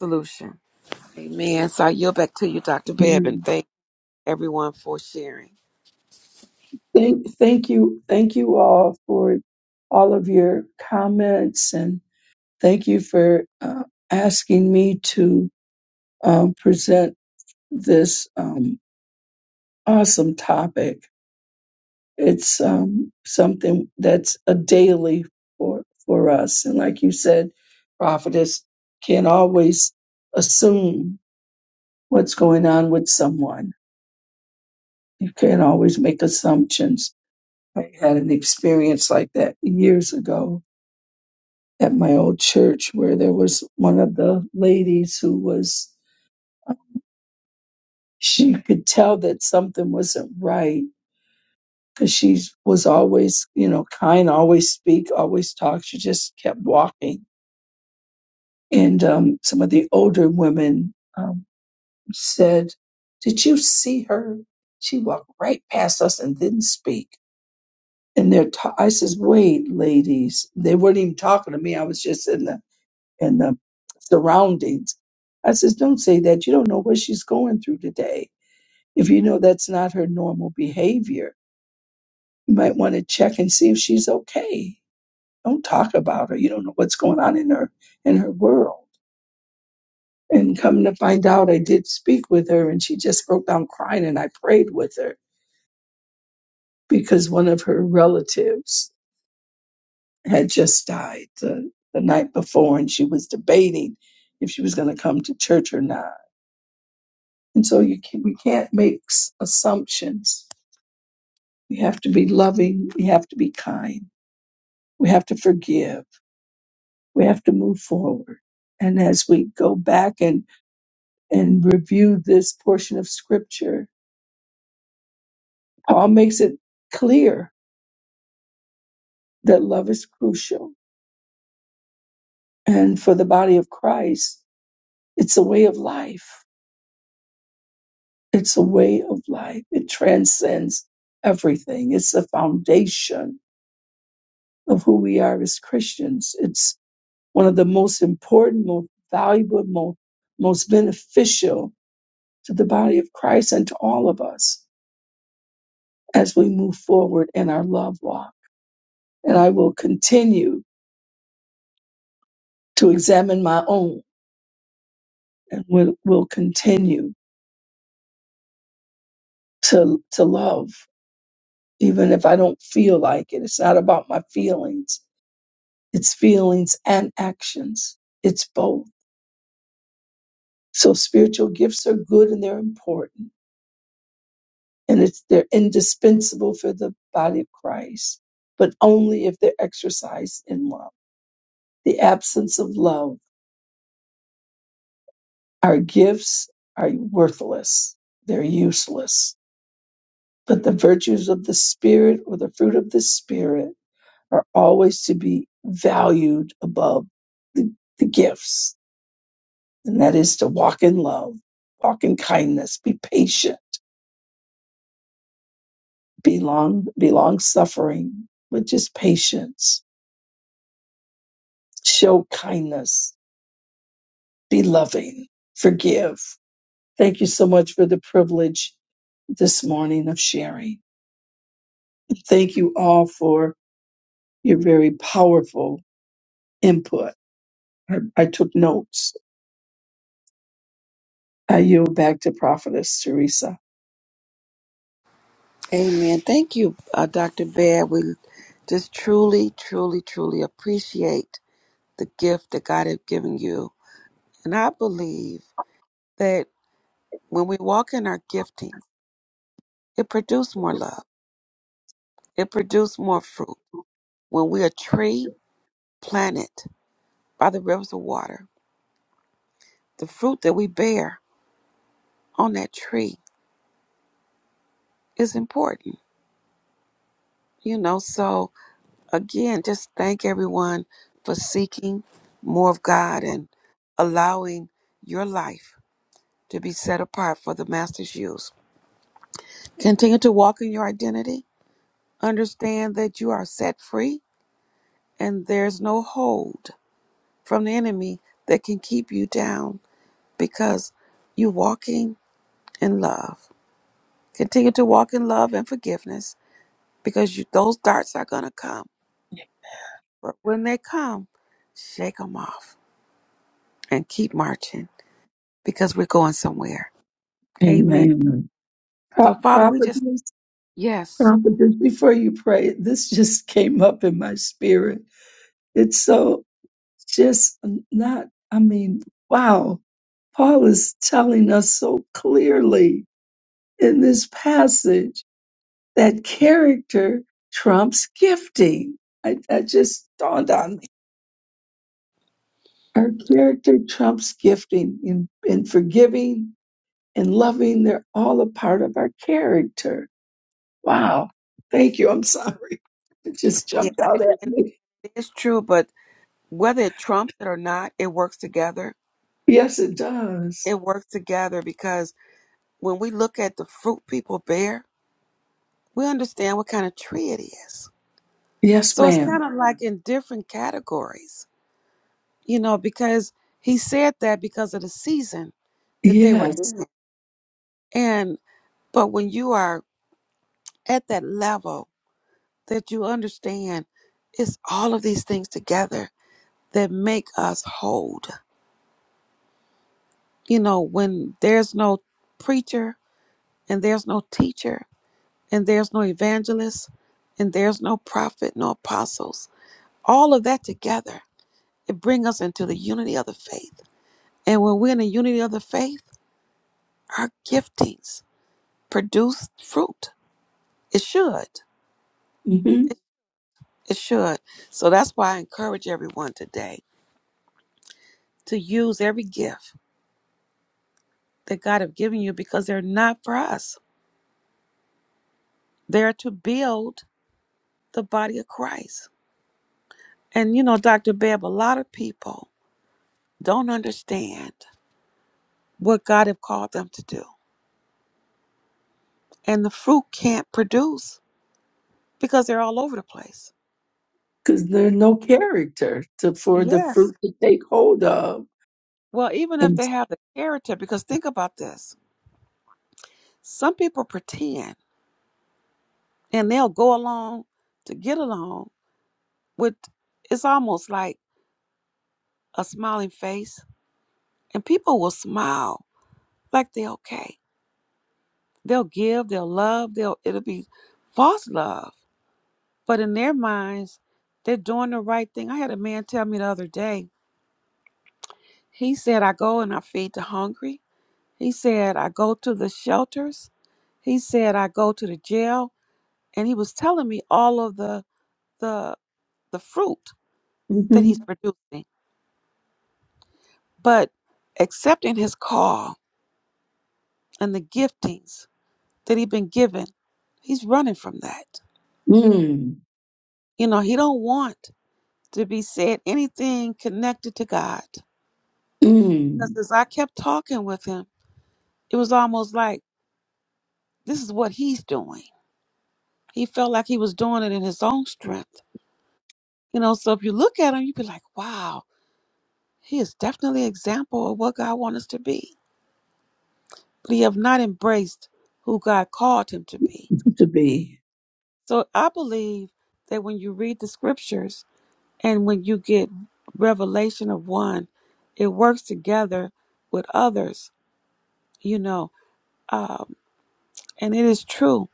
S1: solution. Amen. So, I yield back to you, Dr. Bebb, and
S2: Amen.
S1: thank everyone for sharing.
S2: Thank, thank you. Thank you all for all of your comments and thank you for uh, asking me to um, present this um, awesome topic. It's um, something that's a daily for, for us. And like you said, prophetess can't always assume what's going on with someone You can't always make assumptions. I had an experience like that years ago at my old church where there was one of the ladies who was, she could tell that something wasn't right because she was always, you know, kind, always speak, always talk. She just kept walking. And um, some of the older women um, said, Did you see her? She walked right past us and didn't speak. and they're ta- I says, wait, ladies, they weren't even talking to me. I was just in the in the surroundings. I says, don't say that. You don't know what she's going through today. If you know that's not her normal behavior, you might want to check and see if she's okay. Don't talk about her. You don't know what's going on in her in her world. And come to find out, I did speak with her, and she just broke down crying, and I prayed with her because one of her relatives had just died the, the night before, and she was debating if she was going to come to church or not. And so you can, we can't make s- assumptions. We have to be loving. We have to be kind. We have to forgive. We have to move forward. And as we go back and, and review this portion of scripture, Paul makes it clear that love is crucial. And for the body of Christ, it's a way of life It's a way of life. It transcends everything. It's the foundation of who we are as Christians. It's one of the most important, most valuable, most, most beneficial to the body of Christ and to all of us as we move forward in our love walk. And I will continue to examine my own and will, will continue to, to love, even if I don't feel like it. It's not about my feelings its feelings and actions. It's both. So spiritual gifts are good and they're important and it's they're indispensable for the body of Christ, but only if they're exercised in love. The absence of love, our gifts are worthless. They're useless. But the virtues of the spirit or the fruit of the spirit are always to be valued above the, the gifts. and that is to walk in love, walk in kindness, be patient, be long, be long suffering, with just patience, show kindness, be loving, forgive. Thank you so much for the privilege this morning of sharing. Thank you all for your very powerful input. I, I took notes. I yield back to Prophetess Teresa.
S1: Amen. Thank you, uh, Dr. Baird. We just truly, truly, truly appreciate the gift that God has given you. And I believe that when we walk in our giftings. It produced more love. It produced more fruit. When we're a tree planted by the rivers of water, the fruit that we bear on that tree is important. You know, so again, just thank everyone for seeking more of God and allowing your life to be set apart for the Master's use. Continue to walk in your identity. Understand that you are set free and there's no hold from the enemy that can keep you down because you're walking in love. Continue to walk in love and forgiveness because you, those darts are going to come. But when they come, shake them off and keep marching because we're going somewhere. Amen.
S2: Amen.
S1: So,
S2: Pro-
S1: Father, we just,
S2: Prophetess,
S1: yes,
S2: prophetess, before you pray, this just came up in my spirit. It's so just not, I mean, wow. Paul is telling us so clearly in this passage that character trumps gifting. I, that just dawned on me. Our character trumps gifting in, in forgiving, and loving. They're all a part of our character. Wow. Thank you. I'm sorry. It just
S1: yeah,
S2: jumped
S1: and
S2: out at
S1: and
S2: me.
S1: it is true, but whether it trumps it or not, it works together.
S2: Yes, it does.
S1: It works together because when we look at the fruit people bear, we understand what kind of tree it is.
S2: Yes,
S1: So it's
S2: ma'am.
S1: kind of like in different categories. you know, because he said that because of the season that they were
S2: Yes.
S1: in. And but when you are at that level that you understand it's all of these things together that make us hold. You know, when there's no preacher and there's no teacher and there's no evangelist and there's no prophet, no apostles, all of that together, it brings us into the unity of the faith. And when we're in the unity of the faith, our giftings produce fruit. It should.
S2: Mm-hmm.
S1: It, it should. So that's why I encourage everyone today to use every gift that God have given you because they're not for us. They're to build the body of Christ. And you know, Dr. Beb, a lot of people don't understand what God have called them to do. And the fruit can't produce because they're all over the place.
S2: Because there's no character to, for the
S1: Yes.
S2: fruit to take hold of.
S1: Well, even if
S2: And
S1: they have the character, because think about this. Some people pretend and they'll go along to get along with it's almost like a smiling face and people will smile like they're okay they'll give they'll love they'll it'll be false love but in their minds they're doing the right thing i had a man tell me the other day he said i go and i feed the hungry he said i go to the shelters he said i go to the jail and he was telling me all of the the the fruit that
S2: hmm
S1: he's producing But accepting his call and the giftings that he's been given, he's running from that.
S2: mm,
S1: You know, he don't want to be said anything connected to God. Because
S2: mm,
S1: as I kept talking with him, it was almost like this is what he's doing. He felt like he was doing it in his own strength. You know, so if you look at him, you'd be like, wow, he is definitely an example of what God wants us to be. But he have not embraced who God called him to be.
S2: to be.
S1: So I believe that when you read the scriptures and when you get revelation of one, it works together with others, you know. Um, and it is true.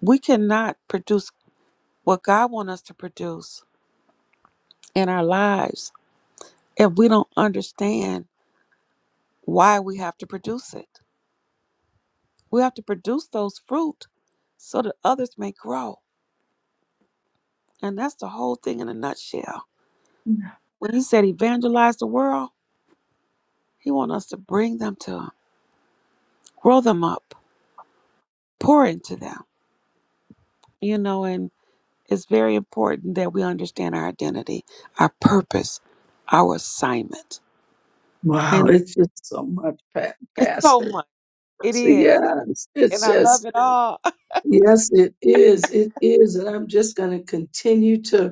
S1: We cannot produce what God wants us to produce in our lives if we don't understand why we have to produce it. We have to produce those fruit so that others may grow. And that's the whole thing in a nutshell. When he said evangelize the world, he wants us to bring them to him grow them up, pour into them, you know, and it's very important that we understand our identity, our purpose, our assignment.
S2: Wow,
S1: And
S2: it's just so much, pa-
S1: it's so
S2: Pastor.
S1: much. It
S2: So
S1: is.
S2: yes, it's
S1: And I
S2: just,
S1: love it all.
S2: yes, it is. It is. And I'm just going to continue to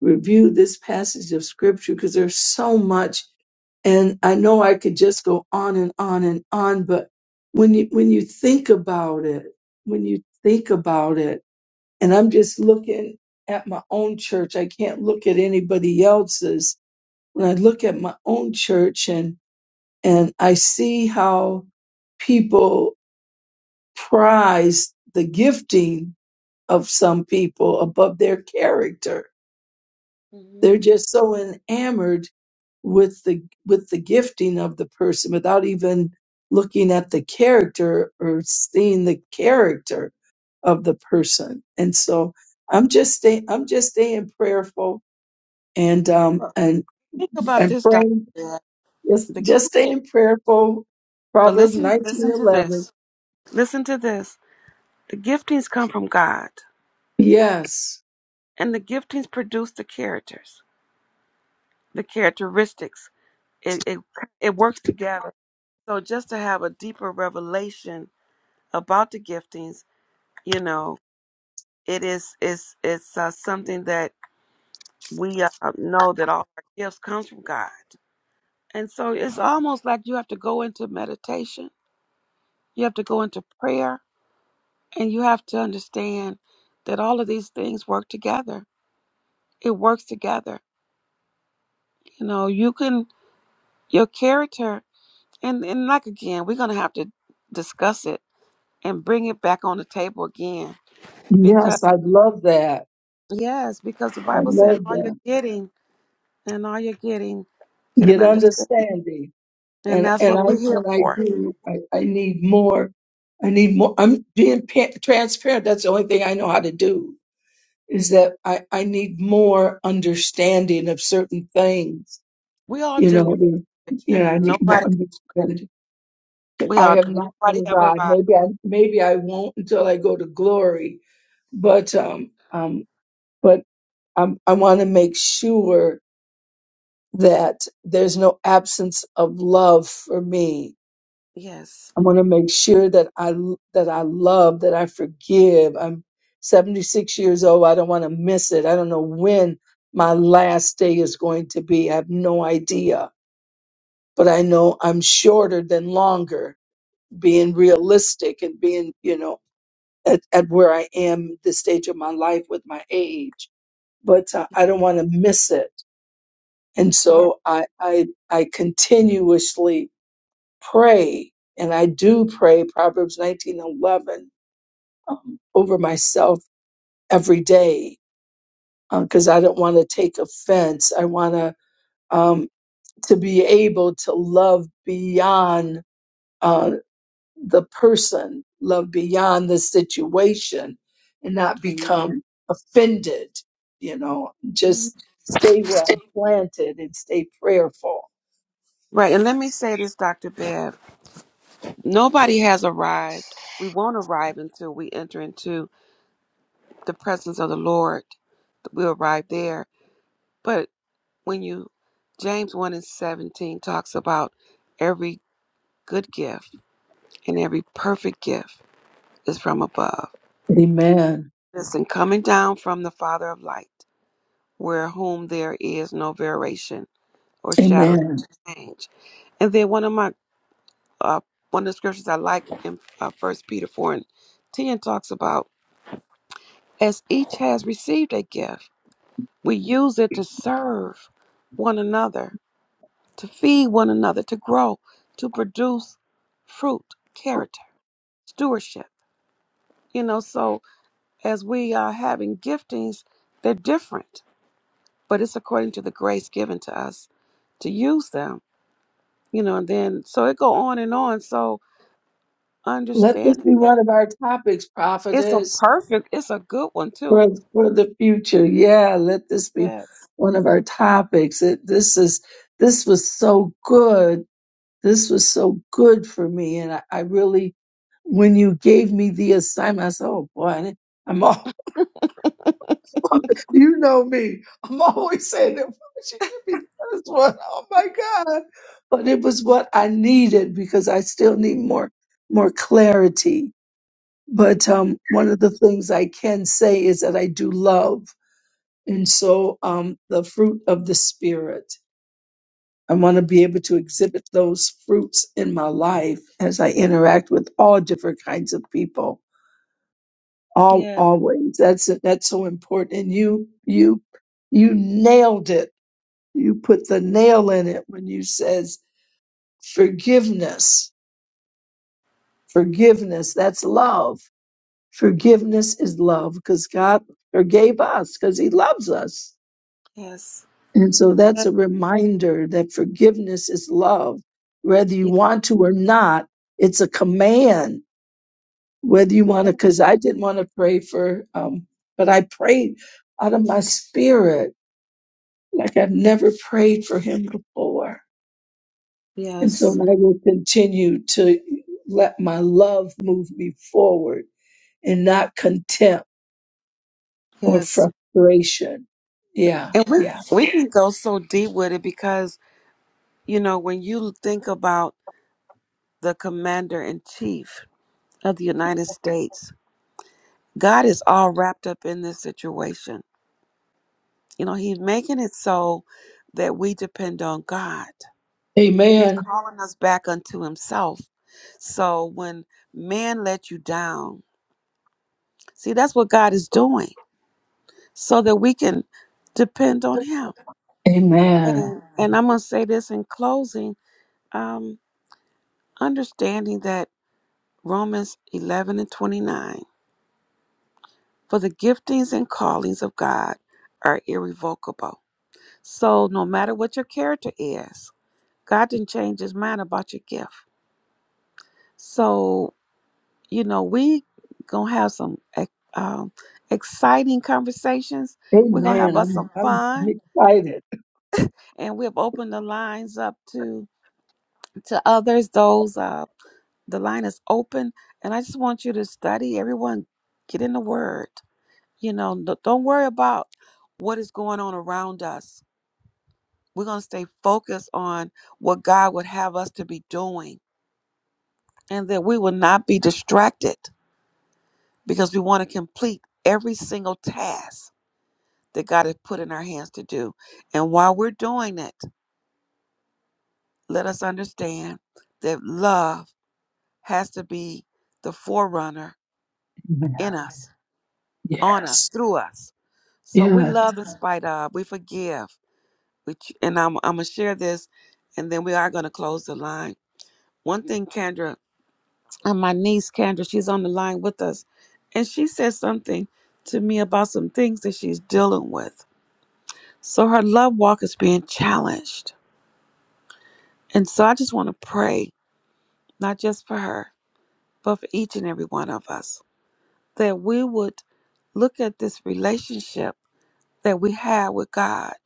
S2: review this passage of scripture because there's so much and I know I could just go on and on and on, but when you when you think about it, when you think about it, and I'm just looking at my own church, I can't look at anybody else's. When I look at my own church and and I see how people prize the gifting of some people above their character
S1: Hmm.
S2: They're just so enamored with the with the gifting of the person without even looking at the character or seeing the character of the person. And so I'm just staying I'm just staying prayerful and um
S1: Well,
S2: and
S1: think about
S2: and
S1: this, Dr.
S2: praying just
S1: The
S2: just
S1: gifting,
S2: staying prayerful.
S1: but
S2: Proverbs
S1: listen,
S2: nineteen
S1: listen to
S2: eleven.
S1: this. Listen to this. The giftings come from God,
S2: Yes.
S1: and the giftings produce the characters, the characteristics. It, it, it works together. So just to have a deeper revelation about the giftings, you know, it is is it's uh, something that we uh, know that all our gifts comes from God. And so it's almost like you have to go into meditation, you have to go into prayer, and you have to understand that all of these things work together. It works together. You know, you can your character and and like again, we're going to have to discuss it and bring it back on the table again because
S2: Yes, I love that.
S1: yes, because the
S2: I
S1: Bible
S2: love
S1: said all you're
S2: that.
S1: getting and all you're getting get an
S2: Get
S1: understanding.
S2: understanding.
S1: And
S2: and
S1: that's
S2: and
S1: what we're
S2: I
S1: here
S2: and I
S1: for.
S2: do I, I need more I need more I'm being pa- transparent that's the only thing I know how to do is that I I need more understanding of certain things
S1: We all
S2: you know
S1: do
S2: the- you
S1: Yep.
S2: know I need more
S1: Nobody,
S2: understanding
S1: we
S2: I
S1: all,
S2: have not had
S1: nobody
S2: a
S1: have
S2: ride
S1: arrived.
S2: maybe I maybe I won't until I go to glory but um um but I'm, I want to make sure that there's no absence of love for me
S1: Yes.
S2: I want to make sure that I that I love, that I forgive. I'm 76 years old. I don't want to miss it. I don't know when my last day is going to be. I have no idea. But I know I'm shorter than longer, being realistic and being, you know, at, at where I am, the stage of my life with my age. But uh, I don't want to miss it. And
S1: Right.
S2: so I, I, I continuously pray and I do pray Proverbs 19:11 um, over myself every day because I don't want to take offense. I want to um, to be able to love beyond uh, the person, love beyond the situation, and not
S1: Amen.
S2: become offended. You know, just stay where I'm planted and stay prayerful.
S1: Right. And let me say this, Dr. Bev. Nobody has arrived. We won't arrive until we enter into the presence of the Lord. We'll arrive there. But when you, James 1 and 17 talks about every good gift and every perfect gift is from above.
S2: Amen.
S1: Listen, coming down from the Father of light, where whom there is no variation or shadow
S2: Amen.
S1: to change. And then one of my uh, one of the scriptures I like in uh, First Peter four and ten talks about as each has received a gift, we use it to serve one another, to feed one another, to grow, to produce fruit, character, stewardship. You know, so as we are having giftings, they're different, but it's according to the grace given to us to use them. You know, and then so it go on and on. So
S2: Let this
S1: understanding
S2: be
S1: that.
S2: one of our topics,
S1: It's a
S2: prophetess.
S1: perfect, it's a good one too.
S2: for, for the future. Yeah, let this be
S1: Yes.
S2: one of our topics. It, this is this was so good. This was so good for me, and I, I really, when you gave me the assignment, I said, "Oh boy, I didn't- I'm all." You know me. I'm always saying that. Why would she give me this one? Oh my God! But it was what I needed because I still need more more clarity. But um, one of the things I can say is that I do love. And so, um, the fruit of the Spirit. I want to be able to exhibit those fruits in my life as I interact with all different kinds of people. All
S1: Yes.
S2: always. That's that's so important. And you you you nailed it. You put the nail in it when you says forgiveness. Forgiveness. That's love. Forgiveness is love because God forgave us because He loves us.
S1: Yes.
S2: And so that's
S1: Yes.
S2: a reminder that forgiveness is love. Whether you
S1: Yes.
S2: want to or not, it's a command. Whether you want to, because I didn't want to pray for, um, but I prayed out of my spirit, like I've never prayed for him before. And so
S1: Yes.
S2: I will continue to let my love move me forward and not contempt or
S1: Yes.
S2: frustration. Yeah,
S1: And we
S2: yeah.
S1: we can go so deep with it because, you know, when you think about the commander in chief of the United States, God is all wrapped up in this situation. You know, he's making it so that we depend on God. He's
S2: Amen.
S1: calling us back unto himself. So when man let you down, see that's what God is doing so that we can depend on Him.
S2: Amen.
S1: And, and I'm going to say this in closing um, understanding that Romans 11 and 29 for the giftings and callings of God are irrevocable. So, no matter what your character is, God didn't change his mind about your gift. So, you know, we going to have some eh, um, exciting conversations. We're going to
S2: Amen.
S1: have us
S2: I'm,
S1: some
S2: I'm, I'm
S1: fun.
S2: excited.
S1: And we've opened the lines up to to others those uh the line is open and i just want you to study everyone get in the word you know n- don't worry about what is going on around us we're going to stay focused on what god would have us to be doing and that we will not be distracted because we want to complete every single task that god has put in our hands to do and while we're doing it let us understand that love has to be the forerunner
S2: Amen.
S1: in us on us,
S2: Yes.
S1: through us. So we
S2: Yes.
S1: love in Yeah. spite of, we forgive. We, ch- and I'm, I'm going to share this, and then we are going to close the line. One thing, Kendra, and my niece, Kendra, she's on the line with us, and she said something to me about some things that she's dealing with. So her love walk is being challenged. And so I just want to pray, not just for her, but for each and every one of us, that we would look at this relationship that we have with God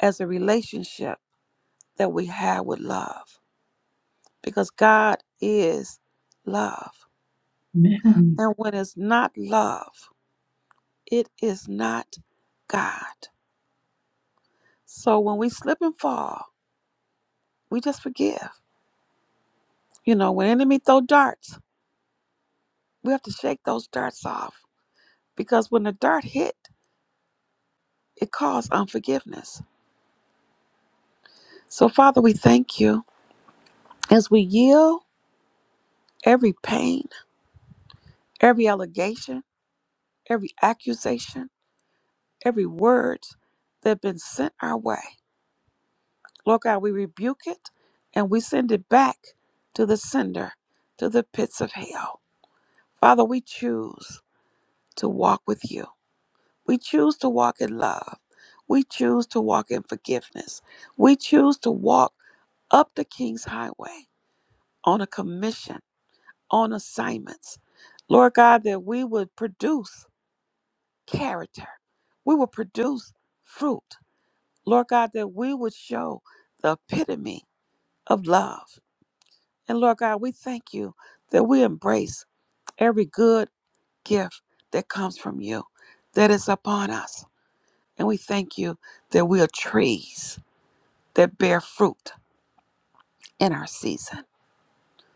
S1: as a relationship that we have with love because God is love.
S2: Amen.
S1: And when it's not love, it is not God. So when we slip and fall, we just forgive. You know, when enemy throw darts, we have to shake those darts off because when the dart hit, it caused unforgiveness. So Father, we thank you as we yield every pain, every allegation, every accusation every word that been sent our way. Lord God, we rebuke it and we send it back to the sender, to the pits of hell. Father, we choose to walk with you. We choose to walk in love. We choose to walk in forgiveness. We choose to walk up the King's Highway on a commission, on assignments. Lord God, that we would produce character. We will produce fruit Lord God, that we would show the epitome of love. And Lord God, we thank you that we embrace every good gift that comes from you, that is upon us. And we thank you that we are trees that bear fruit in our season.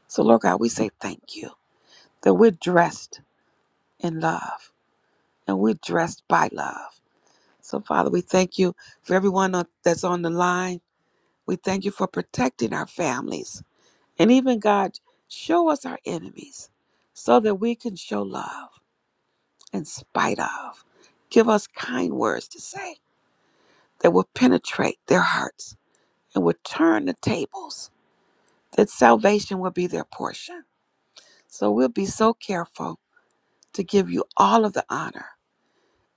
S1: So, Lord God, we say thank you that we're dressed in love and we're dressed by love. So, Father, we thank you for everyone on- that's on the line. We thank you for protecting our families And even God, show us our enemies so that we can show love in spite of. Give us kind words to say that will penetrate their hearts and will turn the tables, that salvation will be their portion. So we'll be so careful to give you all of the honor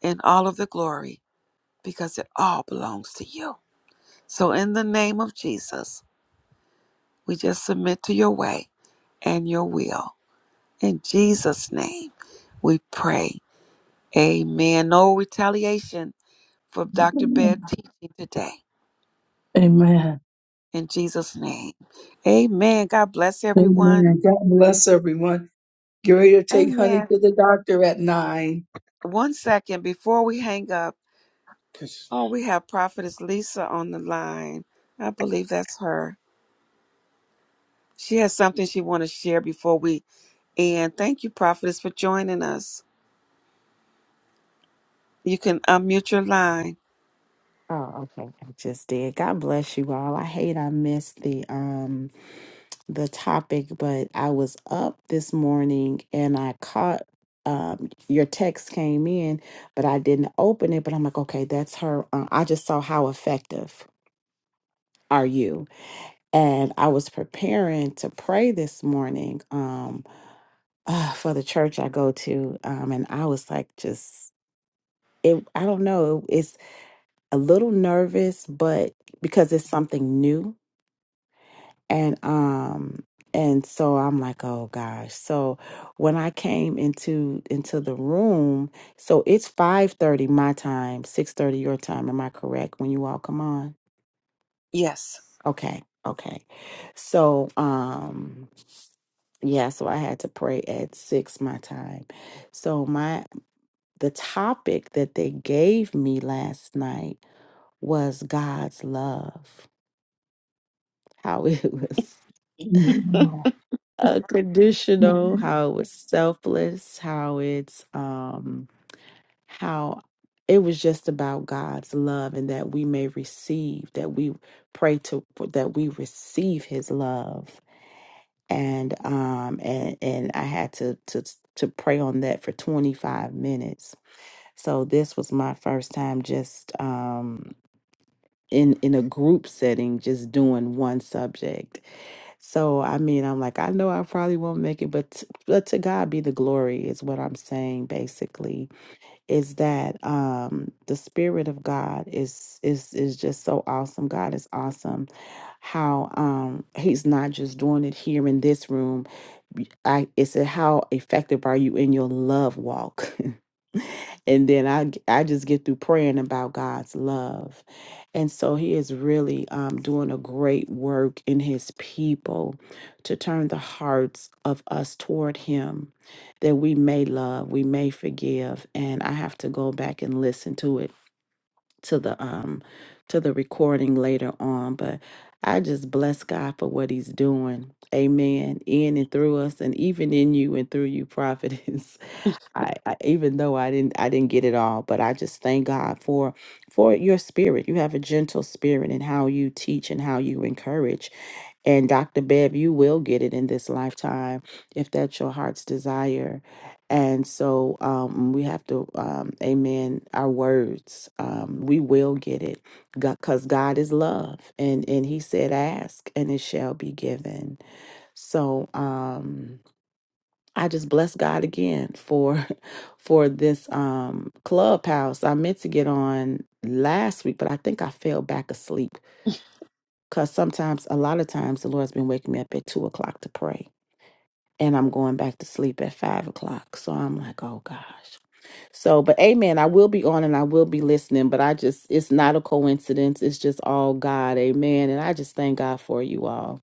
S1: and all of the glory because it all belongs to you. So in the name of Jesus, we just submit to your way and your will. In Jesus' name, we pray Amen. No retaliation for Dr. Bev teaching today.
S2: Amen.
S1: In Jesus' name. Amen. God bless everyone.
S2: Amen. God bless everyone. Get ready to take honey
S1: Amen.
S2: to the doctor at nine.
S1: One second before we hang up.
S3: Yes.
S1: Oh, we have Prophetess Lisa on the line. I believe that's her. She has something she want to share before we end. Thank you, Prophetess, for joining us. You can unmute your line.
S5: Oh, okay. I just did. God bless you all. I hate I missed the um the topic, but I was up this morning and I caught um your text came in, but I didn't open it. But I'm like, okay, that's her. Uh, I just saw how effective are you, and I was preparing to pray this morning um uh, for the church I go to, um, and I was like, just it. I don't know. It's a little nervous, but because it's something new and um and so i'm like oh gosh so when i came into into the room so it's 5.30 my time 6.30 your time am i correct when you all come on
S1: Yes.
S5: okay okay so um yeah so i had to pray at six my time so my the topic that they gave me last night was god's love how it was uh, conditional, how it was selfless, how it's um how it was just about God's love and that we may receive, that we pray to that we receive his love. And um and and I had to to to pray on that for 25 minutes. So this was my first time just um in in a group setting just doing one subject so i mean i'm like i know i probably won't make it but t- but to god be the glory is what i'm saying basically is that um the spirit of god is is is just so awesome god is awesome how um he's not just doing it here in this room I, it's said, how effective are you in your love walk? and then I g- I just get through praying about God's love, and so He is really um, doing a great work in His people to turn the hearts of us toward Him, that we may love, we may forgive, and I have to go back and listen to it to the um to the recording later on, but I just bless God for what He's doing. Amen. In and through us, and even in you and through you, prophetess. I, I even though I didn't I didn't get it all, but I just thank God for for your spirit. You have a gentle spirit and how you teach and how you encourage. And Dr. Bev, you will get it in this lifetime if that's your heart's desire. And so um, we have to um, amen our words. Um, we will get it because God is love and and he said ask and it shall be given. So um I just bless God again for for this um clubhouse. I meant to get on last week, but I think I fell back asleep. Cause sometimes a lot of times the Lord's been waking me up at two o'clock to pray. And I'm going back to sleep at five o'clock. So I'm like, oh gosh. So, but amen. I will be on and I will be listening, but I just, it's not a coincidence. It's just all God. Amen. And I just thank God for you all.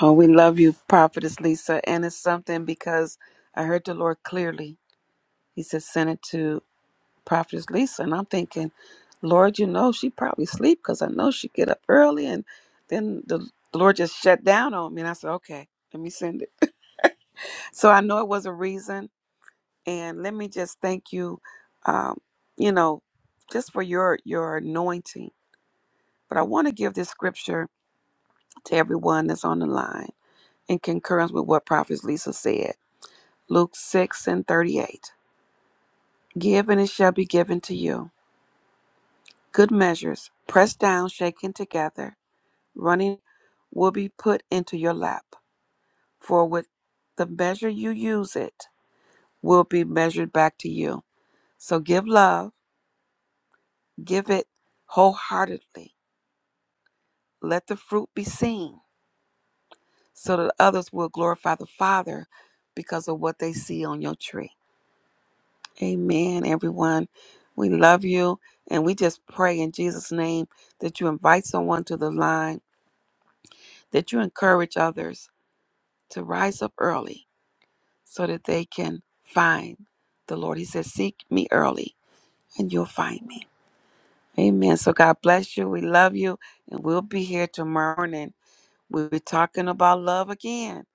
S1: Oh, we love you, Prophetess Lisa. And it's something because I heard the Lord clearly. He said, send it to Prophetess Lisa. And I'm thinking, Lord, you know, she probably sleep because I know she get up early. And then the, the Lord just shut down on me. And I said, okay, let me send it. So I know it was a reason. And let me just thank you, um, you know, just for your, your anointing. But I want to give this scripture to everyone that's on the line in concurrence with what Prophetess Lisa said. Luke 6 and 38. Give and it shall be given to you. Good measures, pressed down, shaken together, running will be put into your lap. For with the measure you use it will be measured back to you. So give love, give it wholeheartedly. Let the fruit be seen so that others will glorify the Father because of what they see on your tree. Amen, everyone. We love you. And we just pray in Jesus' name that you invite someone to the line, that you encourage others to rise up early so that they can find the Lord. He says, Seek me early and you'll find me. Amen. So God bless you. We love you. And we'll be here tomorrow morning. We'll be talking about love again.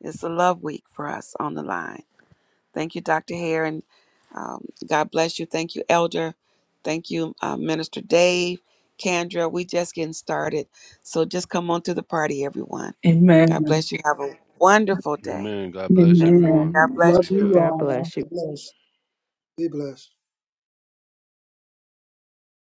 S1: It's a love week for us on the line. Thank you, Dr. Hare, and um, God bless you. Thank you, Elder. Thank you, uh, Minister Dave, Kendra. We just getting started, so just come on to the party, everyone. God
S2: Amen.
S1: bless you. Have a wonderful
S4: you.
S1: day.
S4: Amen. God bless
S1: Amen.
S4: everyone.
S1: God
S2: Amen.
S4: Love
S2: Love
S1: bless
S4: you
S1: you.
S4: guys.
S2: you
S5: God
S2: all.
S5: bless you.
S3: Be blessed. Be blessed.